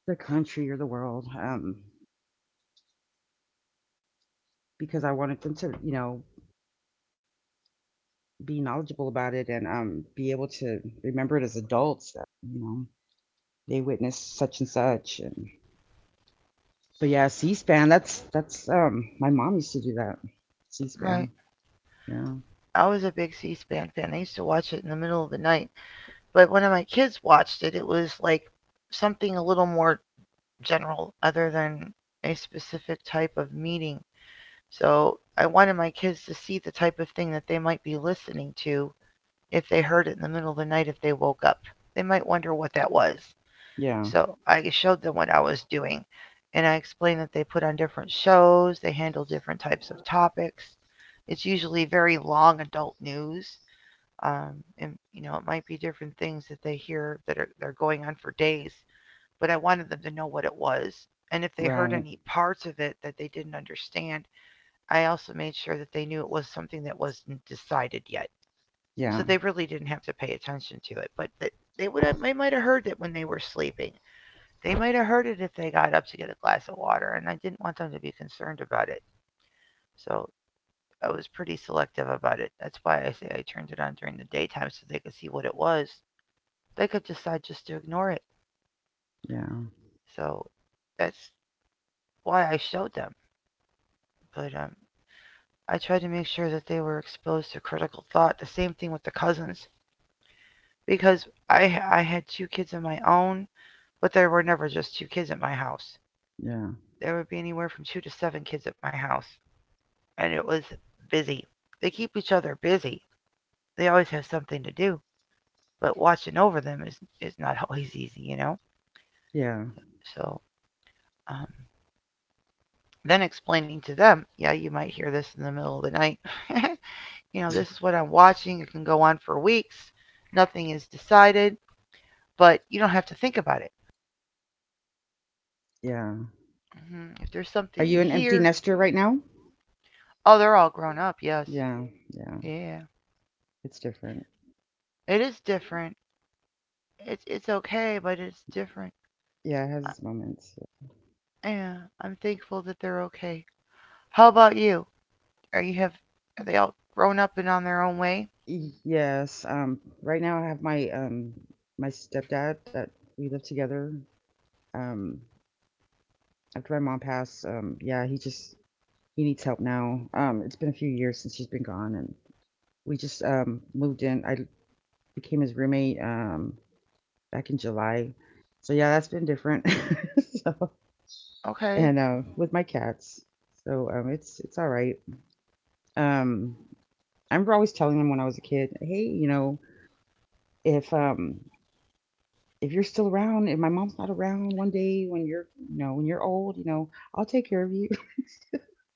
Speaker 2: the country or the world, because I wanted them to, you know, be knowledgeable about it, and be able to remember it as adults. That, you know, they witnessed such and such. And but yeah, C-SPAN. That's my mom used to do that.
Speaker 1: Right.
Speaker 2: C-SPAN. Yeah.
Speaker 1: I was a big C-SPAN fan. I used to watch it in the middle of the night. But when my kids watched it, it was like something a little more general other than a specific type of meeting. So I wanted my kids to see the type of thing that they might be listening to if they heard it in the middle of the night if they woke up. They might wonder what that was.
Speaker 2: Yeah.
Speaker 1: So I showed them what I was doing, and I explained that they put on different shows, they handle different types of topics. It's usually very long adult news, and it might be different things that they hear that are they're going on for days. But I wanted them to know what it was, and if they heard
Speaker 2: Right.
Speaker 1: any parts of it that they didn't understand, I also made sure that they knew it was something that wasn't decided yet. So
Speaker 2: Yeah.
Speaker 1: they really didn't have to pay attention to it. But that they would have, they might have heard it when they were sleeping. They might have heard it if they got up to get a glass of water, and I didn't want them to be concerned about it. So I was pretty selective about it. That's why I say I turned it on during the daytime so they could see what it was. They could decide just to ignore it.
Speaker 2: Yeah.
Speaker 1: So that's why I showed them. But I tried to make sure that they were exposed to critical thought. The same thing with the cousins, because I had two kids of my own, but there were never just two kids at my house.
Speaker 2: Yeah.
Speaker 1: There would be anywhere from two to seven kids at my house, and it was busy. They keep each other busy. They always have something to do, but watching over them is not <laughs> always easy, you know.
Speaker 2: Yeah.
Speaker 1: So um, Then explaining to them, yeah, you might hear this in the middle of the night. <laughs> You know, this is what I'm watching. It can go on for weeks. Nothing is decided, but you don't have to think about it.
Speaker 2: Yeah.
Speaker 1: If there's
Speaker 2: Are
Speaker 1: something
Speaker 2: you
Speaker 1: you
Speaker 2: an empty
Speaker 1: hear,
Speaker 2: nester right now?
Speaker 1: oh, they're all grown up. Yes.
Speaker 2: Yeah. Yeah.
Speaker 1: Yeah.
Speaker 2: It's different.
Speaker 1: It is different. It's okay, but it's different.
Speaker 2: Yeah, it has
Speaker 1: I,
Speaker 2: its moments.
Speaker 1: yeah, I'm thankful that they're okay. How about you? Are you have are they all grown up and on their own way?
Speaker 2: Y yes, right now I have my, stepdad that we live together, um, after my mom passed, yeah, he needs help now. It's been a few years since she's been gone, and we just, moved in. I became his roommate, back in July, so yeah, that's been different, <laughs> so.
Speaker 1: Okay.
Speaker 2: And, with my cats, so, it's alright, um, I remember always telling him when I was a kid, "Hey, you know, if, um, if you're still around, if my mom's not around one day, when you're, when you're old, I'll take care of you.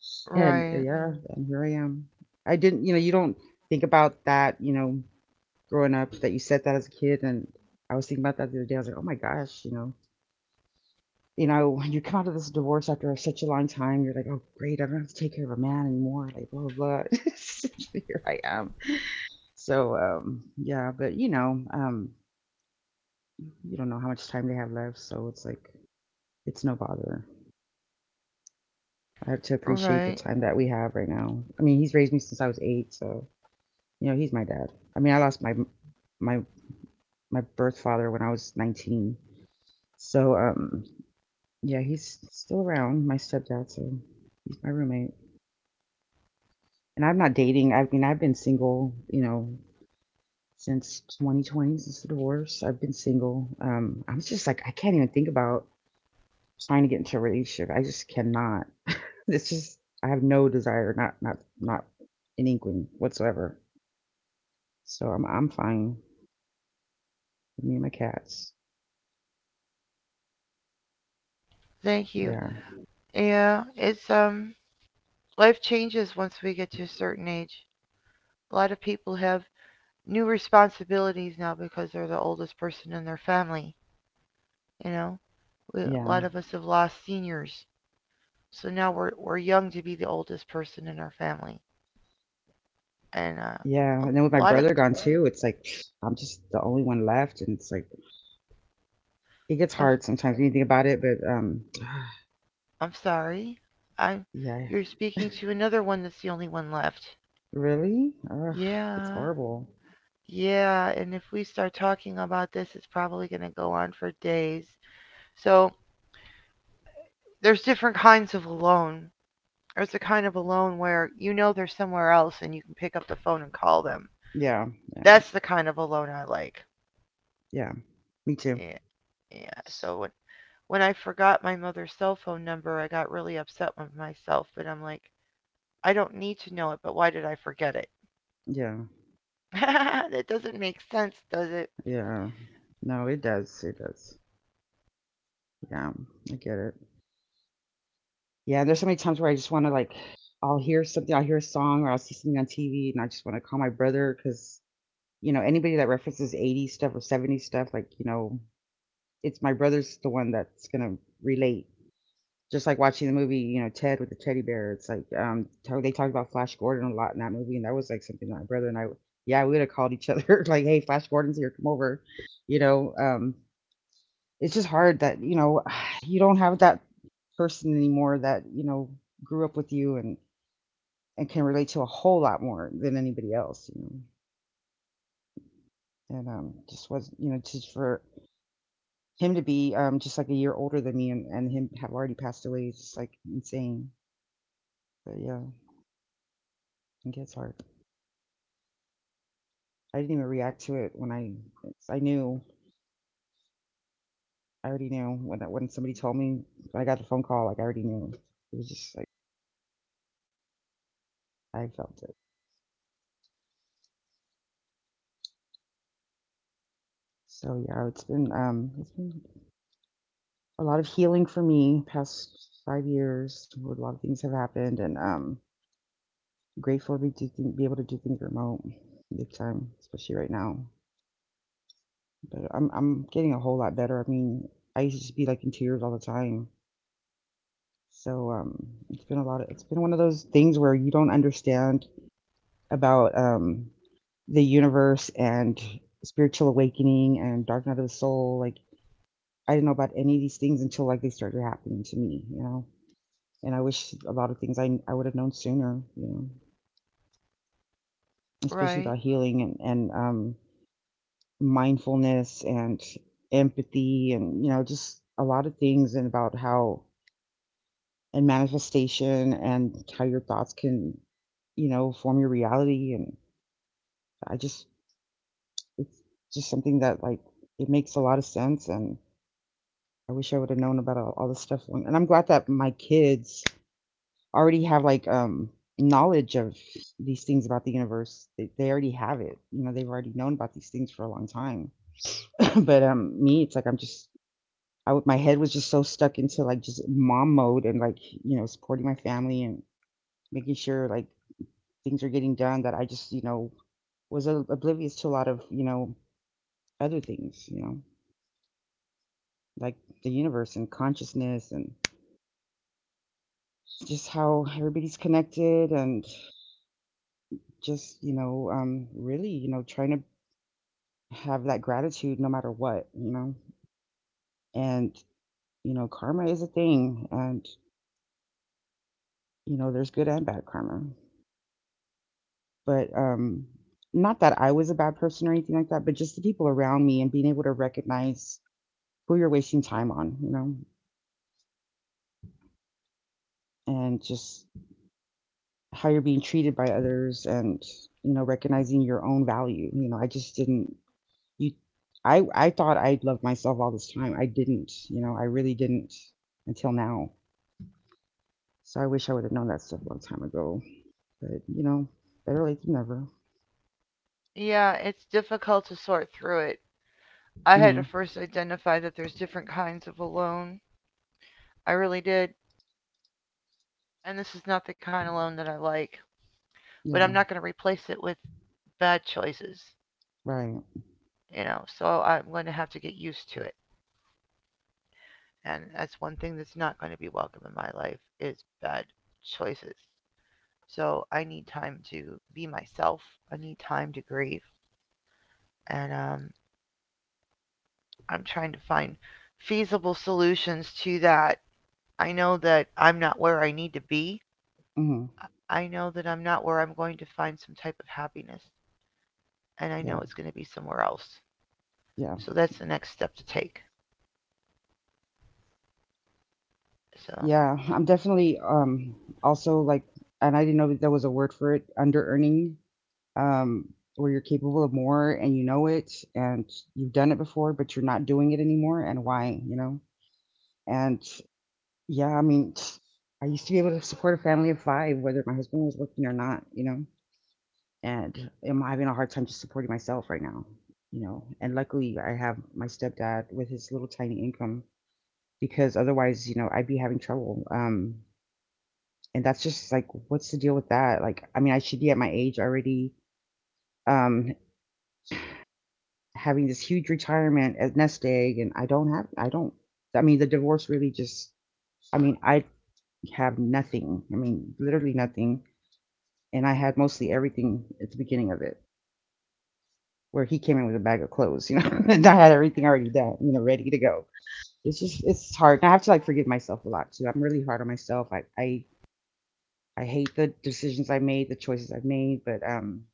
Speaker 2: <laughs> and
Speaker 1: Right.
Speaker 2: yeah, and here I am. I didn't, you know, you don't think about that, you know, growing up, that you said that as a kid, and I was thinking about that the other day. I was like, oh my gosh, you know, you know, when you come out of this divorce after such a long time, you're like, oh great, I don't have to take care of a man anymore, like, blah blah blah. <laughs> here I am. So, yeah, but, you know, you don't know how much time they have left, so it's like it's no bother. I have to appreciate
Speaker 1: Right.
Speaker 2: the time that we have right now. I mean, he's raised me since I was 8, so, you know, he's my dad. I mean, I lost my my birth father when I was 19, so, yeah, he's still around, my stepdad. So he's my roommate, and I'm not dating. I mean, I've been single, you know, since 2020, since the divorce. I've been single. I'm just like I can't even think about trying to get into a relationship. I just cannot. It's just I have no desire, not an inkling whatsoever. So I'm fine. Me and my cats.
Speaker 1: Thank you.
Speaker 2: Yeah.
Speaker 1: Yeah, it's, life changes once we get to a certain age. A lot of people have new responsibilities now because they're the oldest person in their family. You know, we, a
Speaker 2: Yeah.
Speaker 1: lot of us have lost seniors, so now we're young to be the oldest person in our family. And
Speaker 2: Yeah.
Speaker 1: a
Speaker 2: And then with my
Speaker 1: lot of
Speaker 2: brother gone too, it's like I'm just the only one left, and it's like it gets
Speaker 1: I'm
Speaker 2: hard sometimes when you think about it, but
Speaker 1: I'm sorry, I
Speaker 2: <sighs> yeah.
Speaker 1: you're speaking
Speaker 2: <laughs>
Speaker 1: to another one that's the only one left.
Speaker 2: Really? Ugh, it's
Speaker 1: Yeah,
Speaker 2: horrible.
Speaker 1: yeah. And if we start talking about this, it's probably going to go on for days. So there's different kinds of alone, or it's the kind of alone where you know they're somewhere else and you can pick up the phone and call them.
Speaker 2: Yeah, yeah,
Speaker 1: That's the kind of alone I like.
Speaker 2: yeah. Me too.
Speaker 1: Yeah, yeah. So when I forgot my mother's cell phone number, I got really upset with myself, but I'm like, I don't need to know it, but why did I forget it?
Speaker 2: Yeah,
Speaker 1: <laughs> That doesn't make sense, does it?
Speaker 2: yeah. No, it does. It does. Yeah, I get it. Yeah, there's so many times where I just want to like, I'll hear something, I'll hear a song, or I'll see something on TV, and I just want to call my brother because, you know, anybody that references 80s stuff or 70s stuff, like, it's my brother's the one that's gonna relate. Just like watching the movie, you know, Ted with the teddy bear. It's like, how they talked about Flash Gordon a lot in that movie, and that was like something my brother and I, yeah, we would have called each other <laughs> like, "Hey, Flash Gordon's here, come over." You know, um, it's just hard that <sighs> you don't have that person anymore that grew up with you and can relate to a whole lot more than anybody else, and just was, just for him to be just like a year older than me, and him have already passed away is just like insane. But yeah, it gets hard. I didn't even react to it when I knew. I already knew when somebody told me, when I got the phone call, like I already knew. It was just like I felt it. So yeah, it's been a lot of healing for me. Past 5 years, a lot of things have happened, and grateful to be able to do things remote, big time, especially right now. But I'm getting a whole lot better. I mean, I used to just be like in tears all the time. So it's been a lot of it's been one of those things where you don't understand about the universe and spiritual awakening and dark night of the soul. Like I didn't know about any of these things until like they started happening to me, you know. And I wish a lot of things I would have known sooner, you know, especially
Speaker 1: Right.
Speaker 2: about healing and mindfulness and empathy and you know just a lot of things, and about how and manifestation and how your thoughts can, you know, form your reality. And I just, it's just something that like it makes a lot of sense. And I wish I would have known about all this stuff. And I'm glad that my kids already have like knowledge of these things about the universe. They already have it. You know, they've already known about these things for a long time. <laughs> <clears throat> But me, it's like I'm just. I would, my head was just so stuck into like just mom mode and like you know supporting my family and making sure like things are getting done that I just, you know, was oblivious to a lot of, you know, other things, you know, like the universe and consciousness and just how everybody's connected and just, you know, really, you know, trying to have that gratitude no matter what, you know, and, you know, karma is a thing and, you know, there's good and bad karma. But, not that I was a bad person or anything like that, but just the people around me and being able to recognize who you're wasting time on, you know, and just how you're being treated by others, and you know recognizing your own value. You know, I just didn't. You I thought I loved myself all this time. I didn't, you know, I really didn't, until now. So I wish I would have known that stuff a long time ago, but you know, better late than never.
Speaker 1: Yeah, it's difficult to sort through it. I had
Speaker 2: Mm-hmm.
Speaker 1: to first identify that there's different kinds of alone. I really did. And this is not the kind of alone that I like, but I'm
Speaker 2: Yeah.
Speaker 1: not going to replace it with bad choices,
Speaker 2: Right.
Speaker 1: you know. So I'm going to have to get used to it. And that's one thing that's not going to be welcome in my life is bad choices. So I need time to be myself. I need time to grieve. And I'm trying to find feasible solutions to that. I know that I'm not where I need to be.
Speaker 2: Mm-hmm.
Speaker 1: I know that I'm not where I'm going to find some type of happiness. And I
Speaker 2: Yeah.
Speaker 1: know it's going to be somewhere else.
Speaker 2: Yeah.
Speaker 1: So that's the next step to take. So
Speaker 2: Yeah, I'm definitely also like, and I didn't know that there was a word for it, under earning, um, where you're capable of more and you know it and you've done it before, but you're not doing it anymore, and why, you know? And yeah, I mean, I used to be able to support a family of five, whether my husband was working or not, you know? And I'm having a hard time just supporting myself right now, you know? And luckily, I have my stepdad with his little tiny income, because otherwise, you know, I'd be having trouble. And that's just like, what's the deal with that? Like, I mean, I should be at my age already. Um, having this huge retirement as nest egg, and I don't have. I don't I mean the divorce really just I mean I have nothing. I mean literally nothing. And I had mostly everything at the beginning of it, where he came in with a bag of clothes, you know, <laughs> and I had everything already done, you know, ready to go. It's just it's hard. I have to like forgive myself a lot too. I'm really hard on myself. I I hate the decisions I made, the choices I've made, but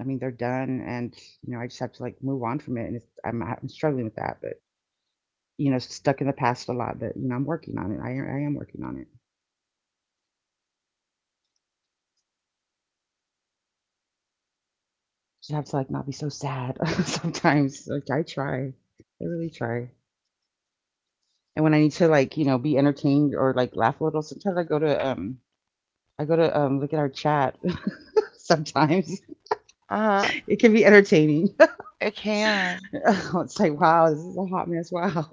Speaker 2: I mean they're done, and you know I just have to like move on from it, and it's, I'm struggling with that, but. You know, stuck in the past a lot, but you know, I'm working on it. I am working on it. Just have to like not be so sad <laughs> sometimes. Like I try. I really try. And when I need to like, you know, be entertained or like laugh a little, sometimes I go to look at our chat. <laughs> Sometimes
Speaker 1: uh
Speaker 2: <laughs>
Speaker 1: huh.
Speaker 2: it can be entertaining. <laughs>
Speaker 1: It can.
Speaker 2: It's like, wow, this is a hot mess. Wow.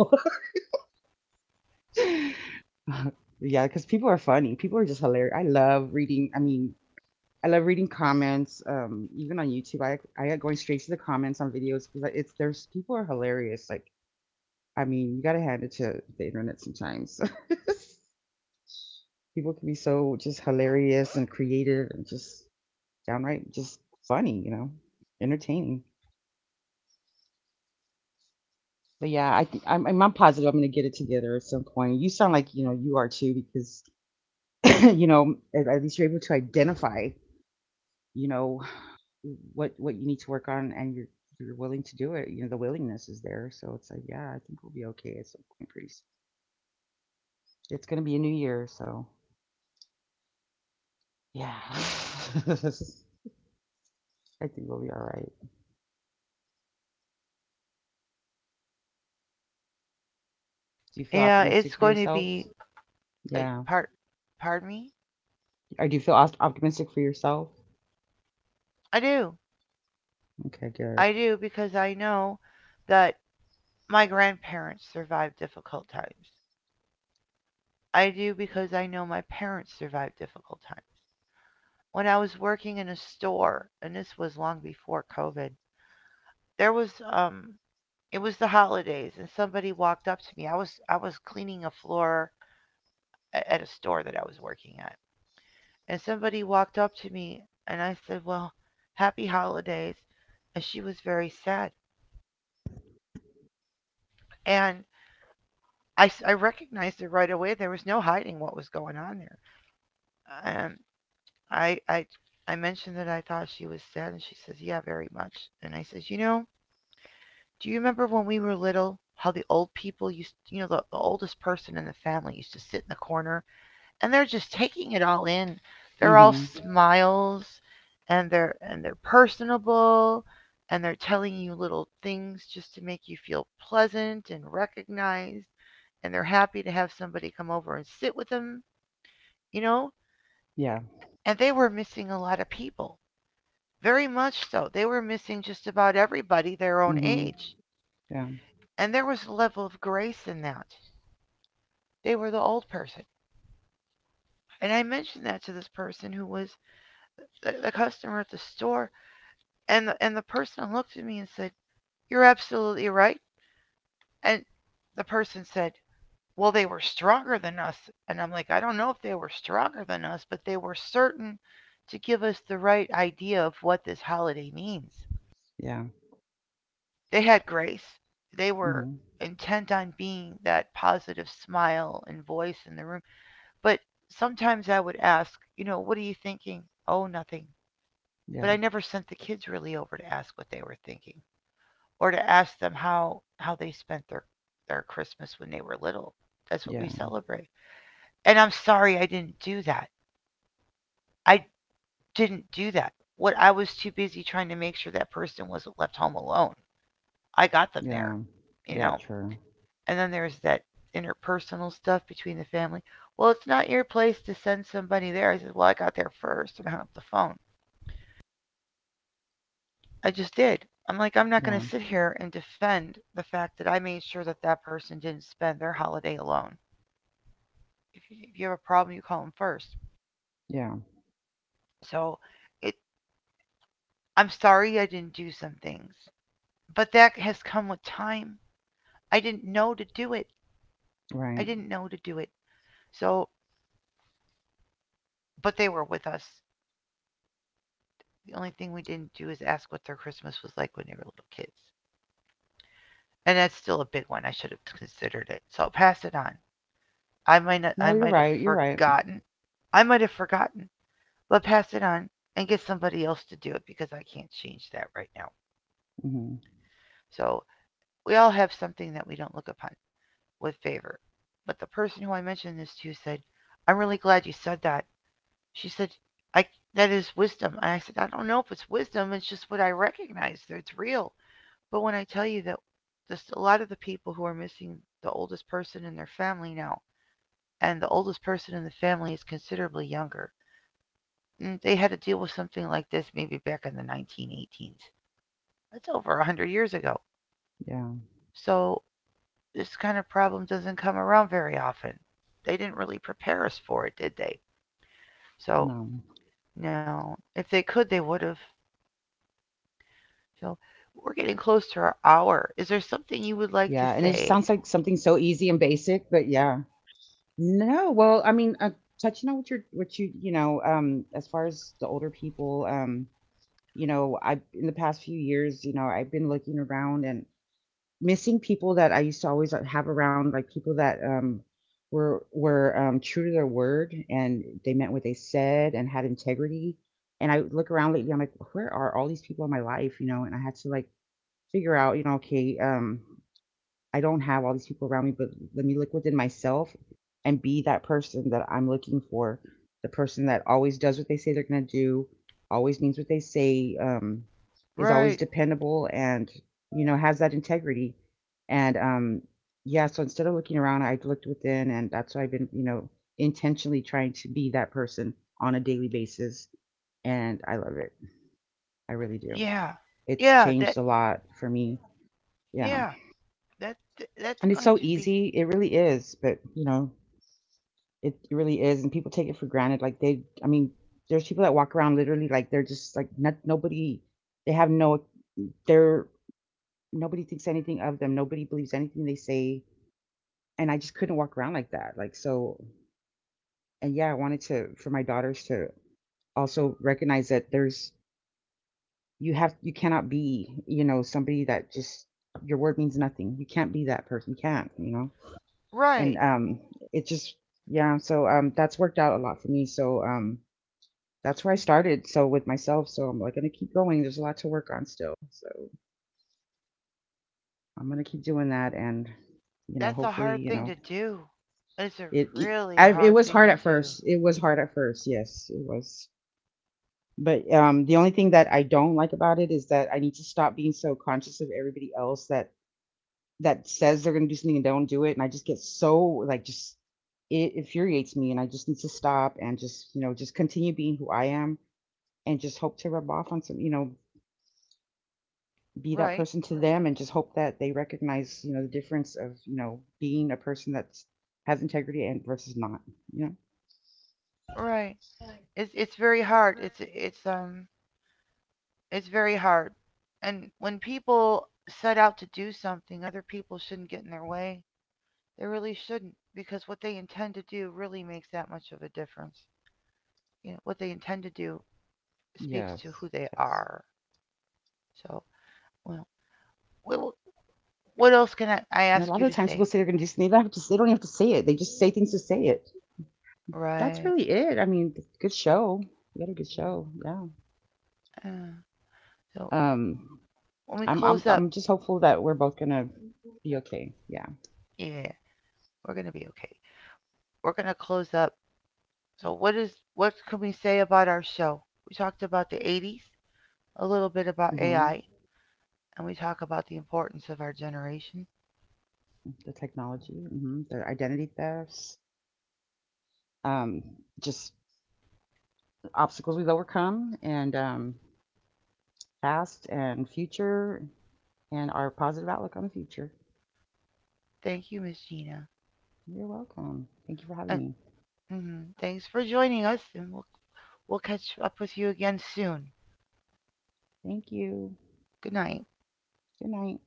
Speaker 2: <laughs> Yeah, because people are funny. People are just hilarious. I love reading. I mean, I love reading comments, even on YouTube. I got going straight to the comments on videos because it's there's people are hilarious. Like, I mean, you gotta hand it to the internet sometimes. <laughs> People can be so just hilarious and creative and just downright just funny, you know, entertaining. But yeah, I think I'm positive I'm gonna get it together at some point. You sound like you know you are too, because <clears throat> you know at least you're able to identify, you know, what you need to work on, and you're willing to do it. You know, the willingness is there. So it's like, yeah, I think we'll be okay at some point pretty it's going to be a new year. So yeah <laughs> I think we'll be all right. Do you feel
Speaker 1: Yeah,
Speaker 2: optimistic
Speaker 1: it's
Speaker 2: for
Speaker 1: going to
Speaker 2: yourself?
Speaker 1: be. Uh,
Speaker 2: Yeah.
Speaker 1: part. Pardon me.
Speaker 2: Or do you feel optimistic for yourself?
Speaker 1: I do.
Speaker 2: Okay, good.
Speaker 1: I do because I know that my grandparents survived difficult times. I do because I know my parents survived difficult times. When I was working in a store, and this was long before COVID, there was, it was the holidays and somebody walked up to me. I was cleaning a floor at a store that I was working at, and somebody walked up to me and I said, well, happy holidays. And she was very sad. And I recognized it right away. There was no hiding what was going on there. And I, I, I mentioned that I thought she was sad, and she says, yeah, very much. And I says, you know, do you remember when we were little how the old people used, you know, the oldest person in the family used to sit in the corner, and they're just taking it all in. They're all
Speaker 2: Mm-hmm.
Speaker 1: smiles, and they're personable, and they're telling you little things just to make you feel pleasant and recognized, and they're happy to have somebody come over and sit with them, you know?
Speaker 2: Yeah.
Speaker 1: And they were missing a lot of people. Very much so. They were missing just about everybody their own
Speaker 2: Mm-hmm.
Speaker 1: age.
Speaker 2: Yeah.
Speaker 1: And there was a level of grace in that. They were the old person. And I mentioned that to this person who was the customer at the store. And the person looked at me and said, you're absolutely right. And the person said, well, they were stronger than us. And I'm like, I don't know if they were stronger than us, but they were certain to give us the right idea of what this holiday means.
Speaker 2: Yeah.
Speaker 1: They had grace, they were
Speaker 2: Mm-hmm.
Speaker 1: intent on being that positive smile and voice in the room. But sometimes I would ask, you know, what are you thinking? Oh, nothing. But
Speaker 2: Yeah.
Speaker 1: I never sent the kids really over to ask what they were thinking, or to ask them how they spent their Christmas when they were little. That's what we
Speaker 2: Yeah.
Speaker 1: celebrate. And I'm sorry I didn't do that. I didn't do that. What I was too busy trying to make sure that person wasn't left home alone. I got them there,
Speaker 2: Yeah.
Speaker 1: you
Speaker 2: Yeah,
Speaker 1: know.
Speaker 2: true.
Speaker 1: And then there's that interpersonal stuff between the family. Well, it's not your place to send somebody there. I said, well, I got there first and hung up the phone. I just did. I'm like, I'm not going
Speaker 2: Yeah.
Speaker 1: to sit here and defend the fact that I made sure that that person didn't spend their holiday alone. If you have a problem, you call them first.
Speaker 2: Yeah.
Speaker 1: So it, I'm sorry I didn't do some things, but that has come with time. I didn't know to do it. I
Speaker 2: Right.
Speaker 1: didn't know to do it. So, but they were with us. The only thing we didn't do is ask what their Christmas was like when they were little kids. And that's still a big one. I should have considered it. So I'll pass it on. I might not,
Speaker 2: No,
Speaker 1: I
Speaker 2: you're
Speaker 1: might have
Speaker 2: right, you're right.
Speaker 1: forgotten. I might have forgotten. But pass it on and get somebody else to do it because I can't change that right now.
Speaker 2: Mm-hmm.
Speaker 1: So we all have something that we don't look upon with favor. But the person who I mentioned this to said, I'm really glad you said that. She said, I, that is wisdom. And I said, I don't know if it's wisdom. It's just what I recognize. It's real. But when I tell you that just a lot of the people who are missing the oldest person in their family now, and the oldest person in the family is considerably younger, and they had to deal with something like this maybe back in the 1918s. That's over a 100 years ago.
Speaker 2: Yeah.
Speaker 1: So this kind of problem doesn't come around very often. They didn't really prepare us for it, did they? So,
Speaker 2: No.
Speaker 1: no. If they could, they would have. So, we're getting close to our hour. Is there something
Speaker 2: Yeah,
Speaker 1: you
Speaker 2: and it
Speaker 1: would
Speaker 2: just
Speaker 1: like
Speaker 2: sounds
Speaker 1: to
Speaker 2: like something
Speaker 1: say?
Speaker 2: so easy and basic, but yeah. No, well, I mean, touching on what you're, what you know, as far as the older people, you know, I in the past few years, you know, I've been looking around and missing people that I used to always have around, like people that were true to their word, and they meant what they said, and had integrity. And I look around lately, I'm like, where are all these people in my life, you know? And I had to like figure out, you know, okay, I don't have all these people around me, but let me look within myself and be that person that I'm looking for. The person that always does what they say they're going to do, always means what they say, is always
Speaker 1: Right.
Speaker 2: dependable, and, you know, has that integrity. And yeah, so instead of looking around, I looked within, and that's why I've been, you know, intentionally trying to be that person on a daily basis. And I love it. I really do.
Speaker 1: Yeah.
Speaker 2: It's
Speaker 1: Yeah, that
Speaker 2: changed a lot for me. Yeah.
Speaker 1: yeah, that that's
Speaker 2: And it's
Speaker 1: going
Speaker 2: so
Speaker 1: to be
Speaker 2: easy. It really is. But, you know, it really is. And people take it for granted. Like I mean, there's people that walk around literally like they're just like not, nobody, they have no, they're, nobody thinks anything of them. Nobody believes anything they say. And I just couldn't walk around like that. Like, so, and yeah, I wanted to, for my daughters to also recognize that there's, you have, you cannot be, you know, somebody that just, your word means nothing. You can't be that person. You can't, you know? And
Speaker 1: right.
Speaker 2: it just yeah so that's worked out a lot for me. So that's where I started, so with myself. So I'm like gonna keep going, there's a lot to work on still. So I'm gonna keep doing that, and you know
Speaker 1: That's a
Speaker 2: hopefully
Speaker 1: hard
Speaker 2: you
Speaker 1: thing
Speaker 2: know
Speaker 1: to do. It's a
Speaker 2: it it,
Speaker 1: really
Speaker 2: I, it
Speaker 1: hard
Speaker 2: was
Speaker 1: thing
Speaker 2: hard
Speaker 1: to
Speaker 2: at
Speaker 1: do.
Speaker 2: first. Yes it was. But the only thing that I don't like about it is that I need to stop being so conscious of everybody else, that says they're going to do something and don't do it. And I just get so like, just it infuriates me. And I just need to stop and just, you know, just continue being who I am, and just hope to rub off on some, you know, be that
Speaker 1: Right.
Speaker 2: person to them, and just hope that they recognize, you know, the difference of, you know, being a person that's has integrity and versus not, you know?
Speaker 1: Right. It's very hard. It's very hard. And when people set out to do something, other people shouldn't get in their way. They really shouldn't, because what they intend to do really makes that much of a difference. You know, what they intend to do
Speaker 2: Yes. Yes.
Speaker 1: speaks to who they are. So, well, what,
Speaker 2: And a lot
Speaker 1: else
Speaker 2: of
Speaker 1: can
Speaker 2: the
Speaker 1: I,
Speaker 2: times
Speaker 1: I
Speaker 2: people say they're
Speaker 1: ask
Speaker 2: going
Speaker 1: you
Speaker 2: to do
Speaker 1: to
Speaker 2: something.
Speaker 1: say?
Speaker 2: They don't have to say it. They just say things to say it. That's really
Speaker 1: Right.
Speaker 2: it. I mean, good show. You had a good show. Yeah.
Speaker 1: Uh, so,
Speaker 2: Um,
Speaker 1: when we
Speaker 2: I'm I'm
Speaker 1: close up,
Speaker 2: I'm just hopeful that we're both gonna be okay. Yeah.
Speaker 1: yeah, we're going to be okay. We're going to close up. So, what is what can we say about our show? We talked about the 80s, a little bit about
Speaker 2: Hmm.
Speaker 1: AI, and we talk about the importance of our generation.
Speaker 2: The technology, hmm the identity thefts, um, just obstacles we've overcome, and past and future, and our positive outlook on the future.
Speaker 1: Thank you, Miss Gina.
Speaker 2: You're welcome. Thank you for
Speaker 1: Uh,
Speaker 2: having me.
Speaker 1: mhm. Thanks for joining us, and we'll catch up with you again soon.
Speaker 2: Thank you.
Speaker 1: Good night.
Speaker 2: Good night.